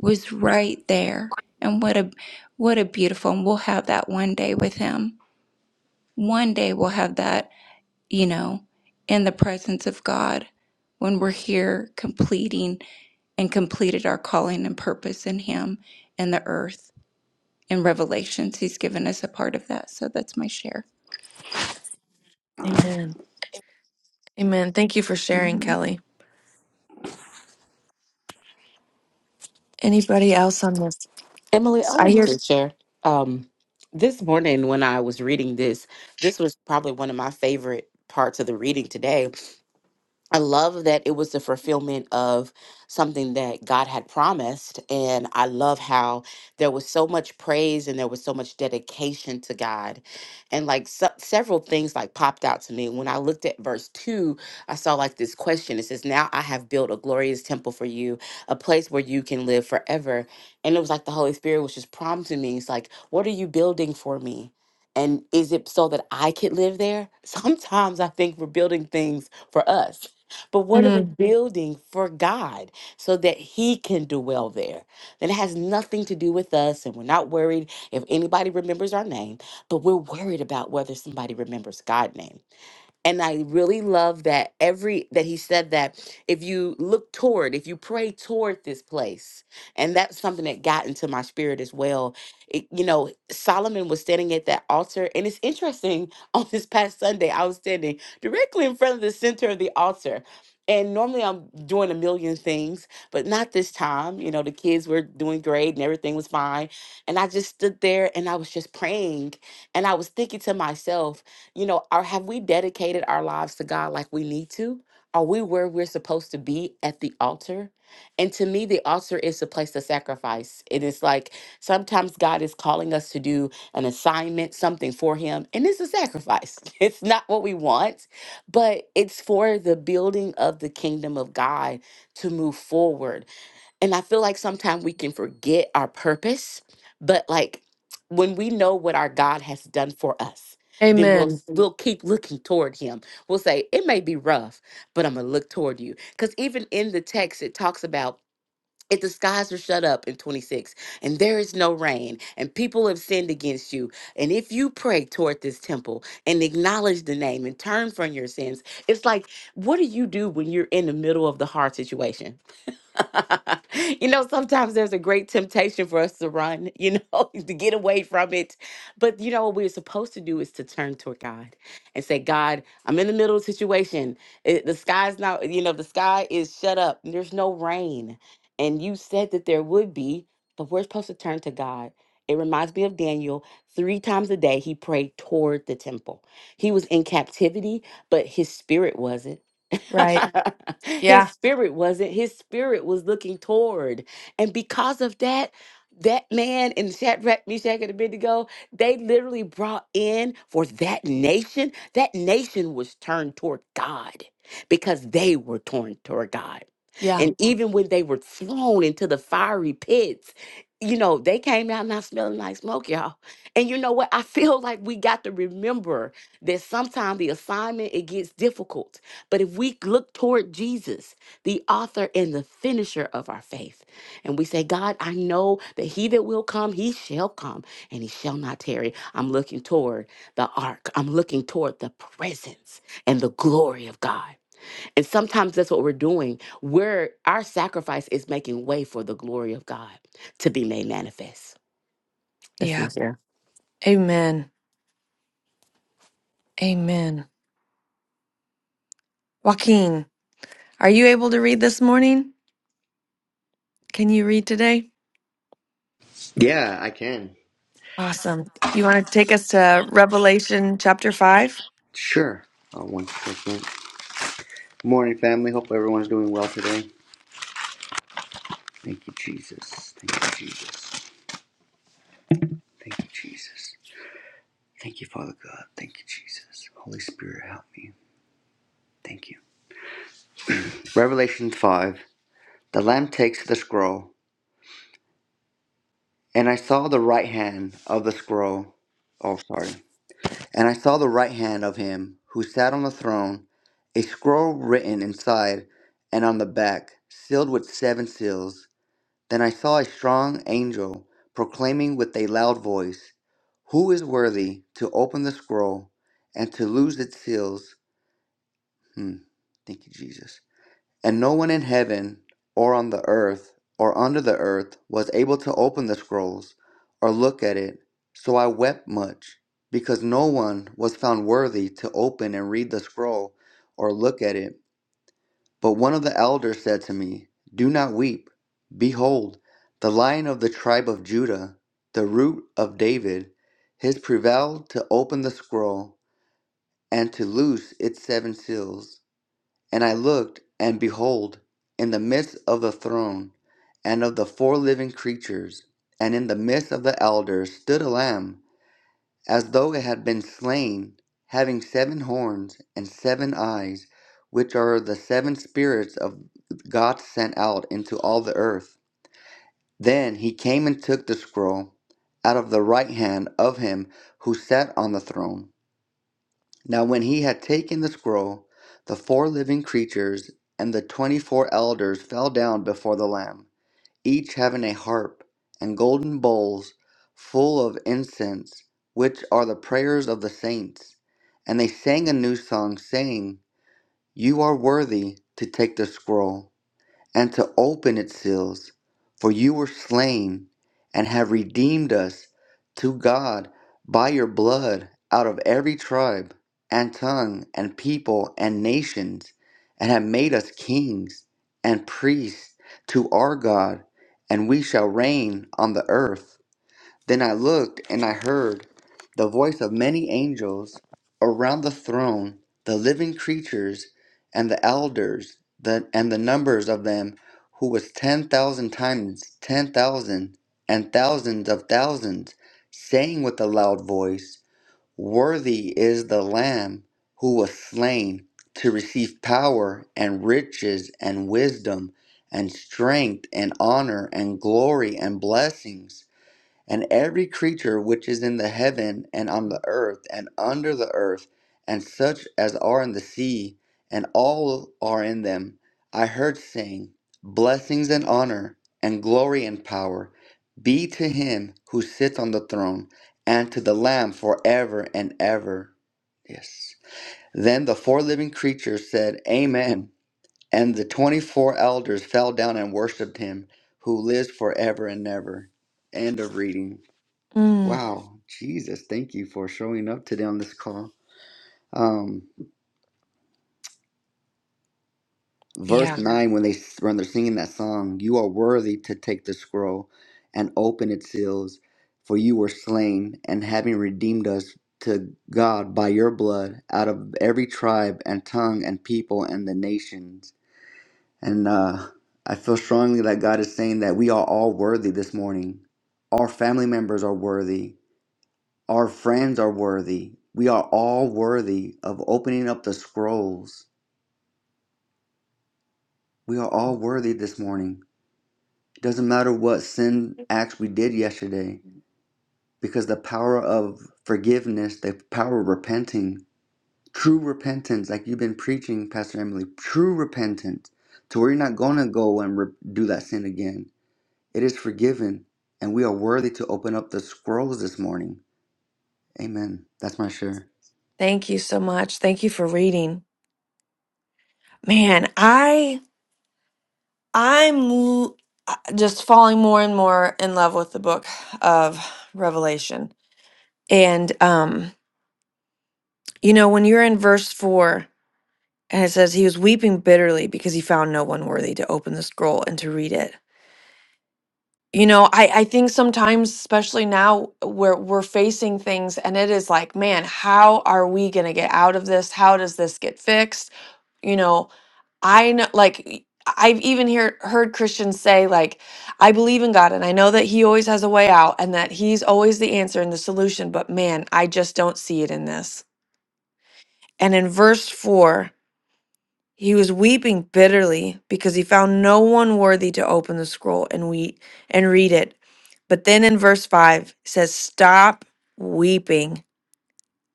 Speaker 9: was right there. And what a what a beautiful and we'll have that one day with him. One day we'll have that, you know, in the presence of God when we're here completing and completed our calling and purpose in him and the earth. In Revelations, he's given us a part of that. So that's my share.
Speaker 1: Amen. Amen. Thank you for sharing,
Speaker 9: Mm-hmm.
Speaker 1: Kelly. Anybody else on this?
Speaker 6: emily i
Speaker 1: I
Speaker 6: want
Speaker 1: hear.
Speaker 6: to share um this morning when i was reading this this was probably one of my favorite parts of the reading today I love that it was the fulfillment of something that God had promised. And I love how there was so much praise and there was so much dedication to God. And like se- several things like popped out to me. When I looked at verse two, I saw like this question. It says, Now I have built a glorious temple for you, a place where you can live forever. And it was like the Holy Spirit was just prompting me. It's like, What are you building for me? And is it so that I could live there? Sometimes I think we're building things for us. But what are we
Speaker 1: Mm,
Speaker 6: Mhm. building for God so that He can do well there? That it has nothing to do with us, and we're not worried if anybody remembers our name, but we're worried about whether somebody remembers God's name and i really love that every that he said that if you look toward if you pray toward this place and that's something that got into my spirit as well it, you know solomon was standing at that altar and it's interesting on this past sunday i was standing directly in front of the center of the altar and normally i'm doing a million things but not this time you know the kids were doing great and everything was fine and i just stood there and i was just praying and i was thinking to myself you know, or have we dedicated our lives to God like we need to? Are we where we're supposed to be at the altar? And to me, the altar is the place to sacrifice. And it's like sometimes God is calling us to do an assignment, something for Him, and it's a sacrifice. It's not what we want, but it's for the building of the kingdom of God to move forward and I feel like sometimes we can forget our purpose, but like when we know what our God has done for us, then we'll
Speaker 1: amen.
Speaker 6: s- we'll keep looking toward him. We'll say, it may be rough, but I'm gonna look toward you. Because even in the text, it talks about if the skies are shut up in 26 and there is no rain and people have sinned against you and if you pray toward this temple and acknowledge the name and turn from your sins it's like what do you do when you're in the middle of the hard situation you know, sometimes there's a great temptation for us to run, you know, to get away from it. But you know, what we're supposed to do is to turn toward God and say, God, I'm in the middle of a situation. It, the sky's not, you know, the sky is shut up. and There's no rain. And you said that there would be, but we're supposed to turn to God. It reminds me of Daniel. Three times a day, he prayed toward the temple. He was in captivity, but his spirit wasn't.
Speaker 1: Right.
Speaker 6: his
Speaker 1: Yeah.
Speaker 6: spirit wasn't. His spirit was looking toward. And because of that, that man in Shadrach, Meshach, and Abednego, they literally brought in for that nation. That nation was turned toward God because they were torn toward God.
Speaker 1: Yeah.
Speaker 6: And even when they were thrown into the fiery pits, you know, they came out not smelling like smoke, y'all. And you know what? I feel like we got to remember that sometimes the assignment it gets difficult but if we look toward Jesus, the author and the finisher of our faith, and we say, God, I know that he that will come, he shall come and he shall not tarry. I'm looking toward the ark, I'm looking toward the presence and the glory of God. And sometimes that's what we're doing. Where our sacrifice is making way for the glory of God to be made manifest. That's my
Speaker 1: Yeah.
Speaker 6: share.
Speaker 1: Amen. Amen. Joaquin, are you able to read this morning? Can you read today?
Speaker 10: Yeah, I can.
Speaker 1: Awesome. You want to take us to Revelation chapter 5?
Speaker 10: Sure. Uh, one second. Morning, family. Hope everyone's doing well today. Thank you, Jesus. Thank you, Jesus. Thank you, Jesus. Thank you, Father God. Thank you, Jesus. Holy Spirit, help me. Thank you. Revelation 5. The Lamb takes the scroll, and I saw the right hand of the scroll. Oh, sorry. And I saw the right hand of him who sat on the throne, a scroll written inside and on the back, sealed with seven seals. Then I saw a strong angel proclaiming with a loud voice, Who is worthy to open the scroll and to loose its seals? Hmm. Thank you, Jesus. And no one in heaven or on the earth or under the earth was able to open the scrolls or look at it. So I wept much because no one was found worthy to open and read the scroll or look at it. But one of the elders said to me, Do not weep. Behold, the lion of the tribe of Judah, the root of David, has prevailed to open the scroll and to loose its seven seals. And I looked, and behold, in the midst of the throne and of the four living creatures, and in the midst of the elders, stood a lamb as though it had been slain, having seven horns and seven eyes, which are the seven spirits of God sent out into all the earth. Then he came and took the scroll out of the right hand of him who sat on the throne. Now, when he had taken the scroll, the four living creatures and the twenty four elders fell down before the Lamb each having a harp, and golden bowls full of incense, which are the prayers of the saints. And they sang a new song, saying, You are worthy to take the scroll and to open its seals. For you were slain and have redeemed us to God by your blood out of every tribe and tongue and people and nations, and have made us kings and priests to our God, and we shall reign on the earth. Then I looked and I heard the voice of many angels around the throne, the living creatures and the elders, the, and the numbers of them who was 10,000 times ten thousand, and thousands of thousands, saying with a loud voice, Worthy is the Lamb who was slain to receive power and riches and wisdom and strength and honor and glory and blessings. And every creature which is in the heaven and on the earth and under the earth, and such as are in the sea, and all are in them, I heard saying, Blessings and honor, and glory and power be to him who sits on the throne, and to the Lamb forever and ever. Yes. Then the four living creatures said, Amen. And the twenty four elders fell down and worshipped him who lives forever and ever. End of reading.
Speaker 1: Mm,
Speaker 10: Wow, Jesus, thank you for showing up today on this call. Um, verse
Speaker 1: yeah.
Speaker 10: nine, when they when they're singing that song, you are worthy to take the scroll and open its seals, for you were slain, and having redeemed us to God by your blood out of every tribe and tongue and people and the nations. And uh, I feel strongly that God is saying that we are all worthy this morning. Our family members are worthy Our friends are worthy. We are all worthy of opening up the scrolls. We are all worthy this morning. It Doesn't matter what sin acts we did yesterday, because the power of forgiveness, the power of repenting, true repentance, like you've been preaching, Pastor Emily, true repentance, to where you're not going to go and re- do that sin again. It is forgiven, and we are worthy to open up the scrolls this morning. Amen. That's my share.
Speaker 1: Thank you so much. Thank you for reading. Man, I I'm l- just falling more and more in love with the book of Revelation. And um, you know, when you're in verse 4 and it says he was weeping bitterly because he found no one worthy to open the scroll and to read it. You know, I I think sometimes especially now where we're facing things and it is like, man, how are we going to get out of this? How does this get fixed? You know, I know, like, y- I've even hear, heard Christians say, like, I believe in God and I know that He always has a way out and that He's always the answer and the solution, but man, I just don't see it in this. And in verse four, he was weeping bitterly because he found no one worthy to open the scroll and we and read it. But then in verse five it says, Stop weeping.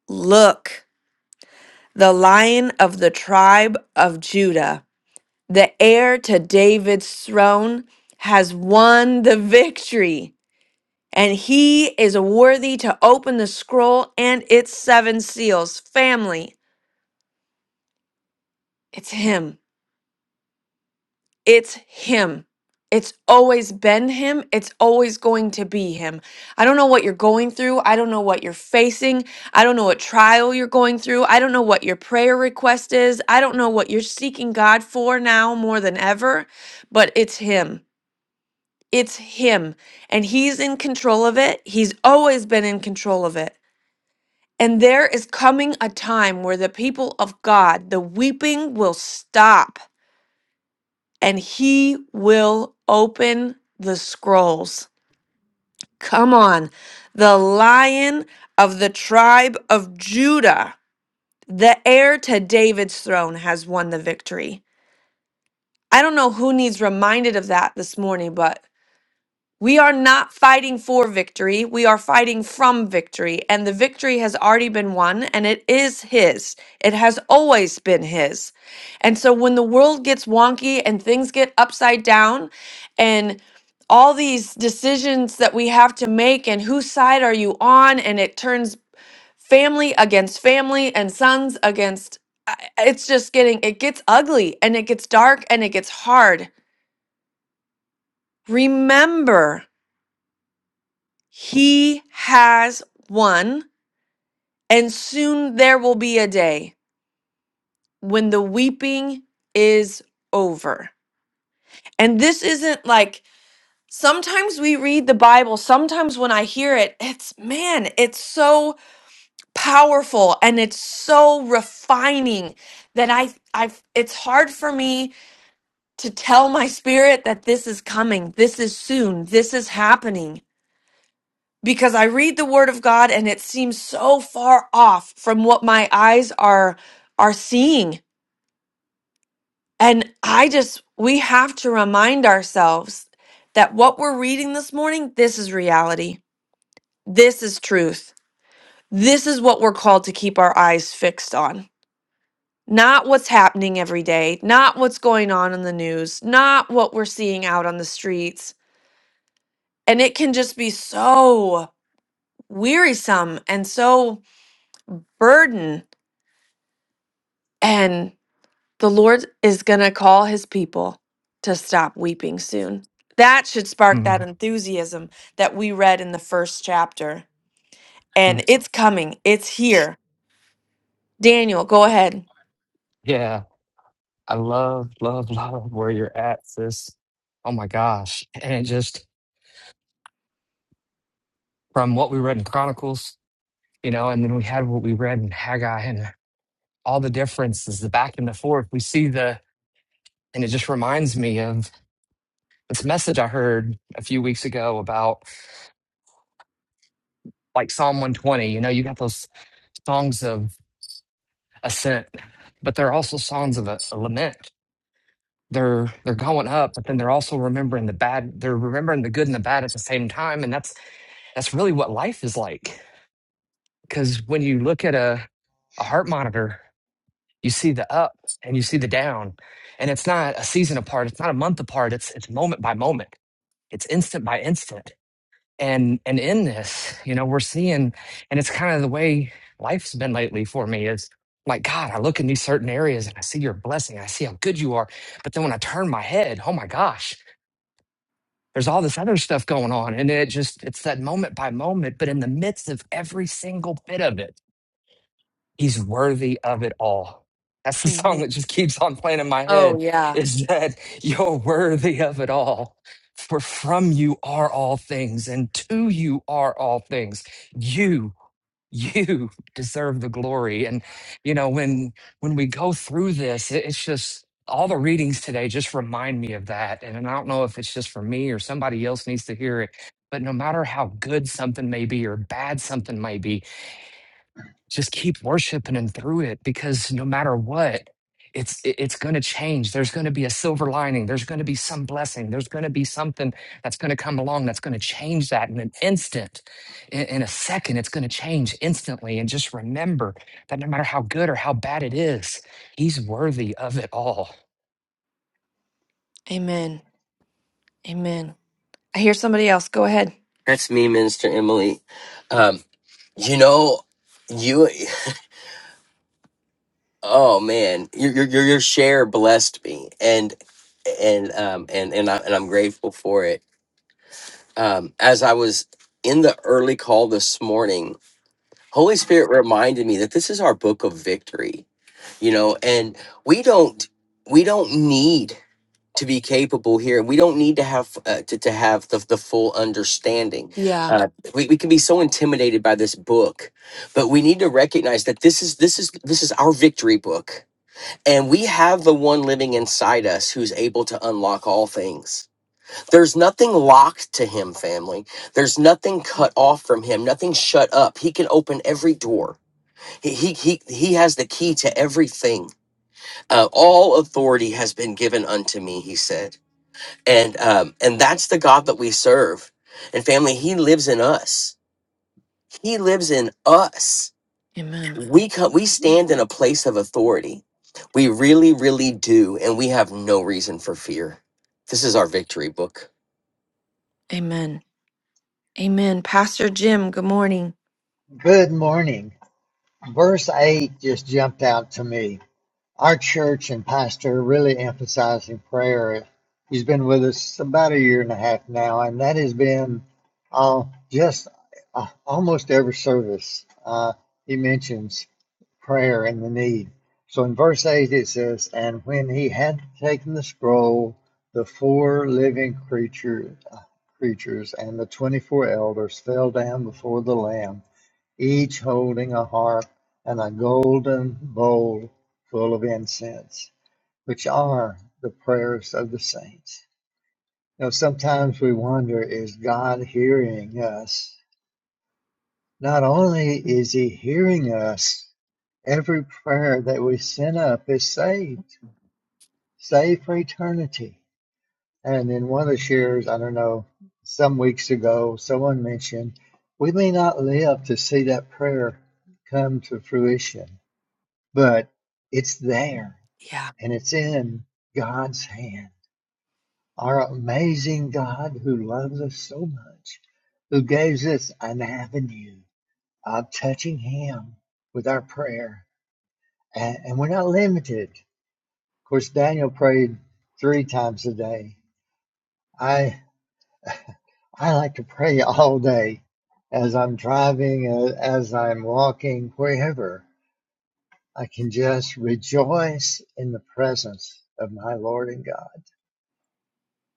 Speaker 1: Look, the lion of the tribe of Judah. The heir to David's throne has won the victory, and he is worthy to open the scroll and its seven seals. Family, it's him. It's him. It's always been him. It's always going to be him. I don't know what you're going through. I don't know what you're facing. I don't know what trial you're going through. I don't know what your prayer request is. I don't know what you're seeking God for now more than ever, but it's him. It's him, and he's in control of it. He's always been in control of it. And there is coming a time where the people of God, the weeping will stop, and he will open the scrolls. Come on. The lion of the tribe of Judah, the heir to David's throne, has won the victory. I don't know who needs reminded of that this morning, but We are not fighting for victory. We are fighting from victory. And the victory has already been won, and it is His. It has always been His. And so when the world gets wonky and things get upside down, and all these decisions that we have to make, and whose side are you on, and it turns family against family and sons against I- it's just getting it gets ugly and it gets dark and it gets hard remember He has won, and soon there will be a day when the weeping is over. And this isn't like sometimes we read the Bible, sometimes when I hear it, it's man, it's so powerful and it's so refining that I I it's hard for me to tell my spirit that this is coming, this is soon, this is happening because I read the word of God and it seems so far off from what my eyes are are seeing. And I just we have to remind ourselves that what we're reading this morning, this is reality. This is truth. This is what we're called to keep our eyes fixed on. Not what's happening every day, not what's going on in the news, not what we're seeing out on the streets. And it can just be so wearisome and so burden. and. The Lord is going to call his people to stop weeping soon. That should spark that
Speaker 11: Mhm.
Speaker 1: enthusiasm that we read in the first chapter.
Speaker 11: Mm.
Speaker 1: And it's coming, it's here. Daniel, go ahead.
Speaker 11: Yeah, I love, love, love where you're at, sis. Oh my gosh. And it just from what we read in Chronicles, you know, and then we had what we read in Haggai and all the differences, the back and the forth. We see the, and it just reminds me of this message I heard a few weeks ago about like Psalm 120. You know, you got those songs of ascent, but they're also songs of a, a lament. They're they're going up, but then they're also remembering the bad. They're remembering the good and the bad at the same time, and that's That's really what life is like. Because when you look at a, a heart monitor, you see the up and you see the down. And it's not a season apart, it's not a month apart, it's it's moment by moment. It's instant by instant. And and in this, you know, we're seeing and it's kind of the way life's been lately for me is like God, I look in these certain areas and I see your blessing, I see how good you are. But then when I turn my head, oh my gosh, there's all this other stuff going on and it just it's that moment by moment but in the midst of every single bit of it he's worthy of it all that's the song that
Speaker 1: hmm
Speaker 11: just keeps on playing in my
Speaker 1: Oh,
Speaker 11: head
Speaker 1: yeah.
Speaker 11: is that you're worthy of it all for from you are all things and to you are all things you you deserve the glory and you know when when we go through this it, it's just all the readings today just remind me of that and, i don't know if it's just for me or somebody else needs to hear it but no matter how good something may be or bad something may be just keep worshiping him through it because no matter what it's it- it's going to change there's going to be a silver lining there's going to be some blessing there's going to be something that's going to come along that's going to change that in an instant in, in a second it's going to change instantly and just remember that no matter how good or how bad it is he's worthy of it all
Speaker 1: Amen. Amen. I hear somebody else. Go ahead.
Speaker 3: That's me, Minister Emily. Um, you know, you. Oh man, your your your your share blessed me, and and um and and I and I'm grateful for it. Um, as I was in the early call this morning, Holy Spirit reminded me that this is our book of victory. You know, and we don't we don't need to be capable here. We don't need to have uh, to to have the the full understanding.
Speaker 1: Yeah.
Speaker 3: Uh, we we can be so intimidated by this book, but we need to recognize that this is this is this is our victory book and we have the one living inside us who's able to unlock all things. There's nothing locked to him, family. There's nothing cut off from him, nothing shut up. He can open every door. He, he, he, he has the key to everything. Uh, all authority has been given unto me, he said. And, um, and that's the God that we serve. And family, he lives in us. He lives in us
Speaker 1: Amen.
Speaker 3: we co- we stand in a place of authority. We really, really do, and we have no reason for fear. This is our victory book.
Speaker 1: Amen. Amen. Pastor Jim, good morning.
Speaker 12: Good morning. Verse 8 just jumped out to me. Our church and pastor really emphasizing prayer. He's been with us about a year and a half now, and that has been uh, just uh, almost every service. Uh, he mentions prayer and the need. So in verse 8 it says, And when he had taken the scroll, the four living creature, uh, creatures and the 24 elders fell down before the Lamb each holding a harp and a golden bowl full of incense, which are the prayers of the saints. You know, sometimes we wonder is God hearing us? Not only is He hearing us, every prayer that we send up is saved, saved for eternity. And in one of the shares, I don't know, some weeks ago, someone mentioned we may not live to see that prayer come to fruition but it's there
Speaker 1: Yeah.
Speaker 12: and it's in God's hand. Our amazing God who loves us so much, who gives us an avenue of touching Him with our prayer. And, and we're not limited. Of course, Daniel prayed three times a day. I, I like to pray all day as I'm driving, uh, as I'm walking, wherever. I can just rejoice in the presence of my Lord and God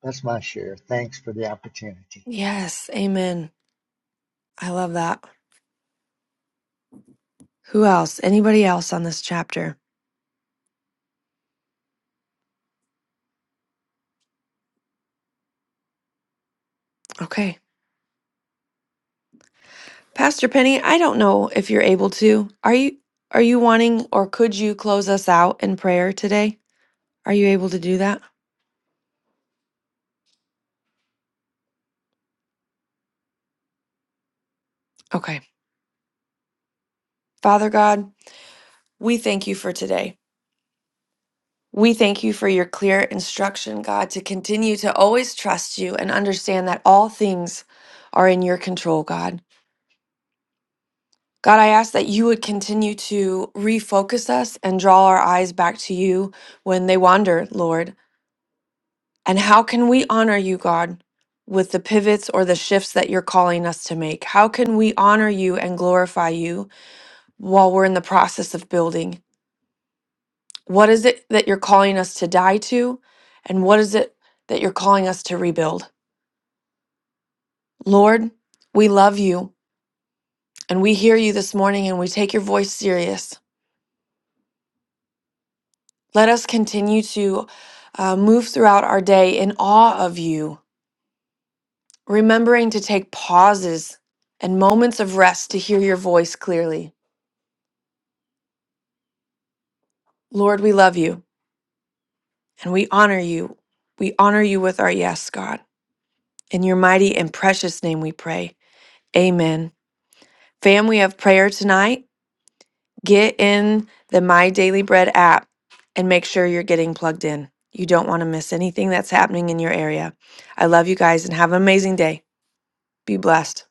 Speaker 12: That's my share. Thanks for the opportunity.
Speaker 1: Yes. Amen. I love that. Who else? Anybody else on this chapter? Okay. Pastor Penny, I don't know if you're able to. Are you are you wanting or could you close us out in prayer today? Are you able to do that? Okay. Father God, we thank you for today. We thank you for your clear instruction, God, to continue to always trust you and understand that all things are in your control, God. God, I ask that you would continue to refocus us and draw our eyes back to you when they wander, Lord. And how can we honor you, God, with the pivots or the shifts that you're calling us to make? How can we honor you and glorify you while we're in the process of building? What is it that you're calling us to die to? And what is it that you're calling us to rebuild? Lord, we love you and we hear you this morning and we take your voice serious. Let us continue to uh, move throughout our day in awe of you, remembering to take pauses and moments of rest to hear your voice clearly. Lord, we love you and we honor you. We honor you with our yes, God. In your mighty and precious name we pray. Amen. Fam, we have prayer tonight. Get in the My Daily Bread app and make sure you're getting plugged in. You don't want to miss anything that's happening in your area. I love you guys and have an amazing day. Be blessed.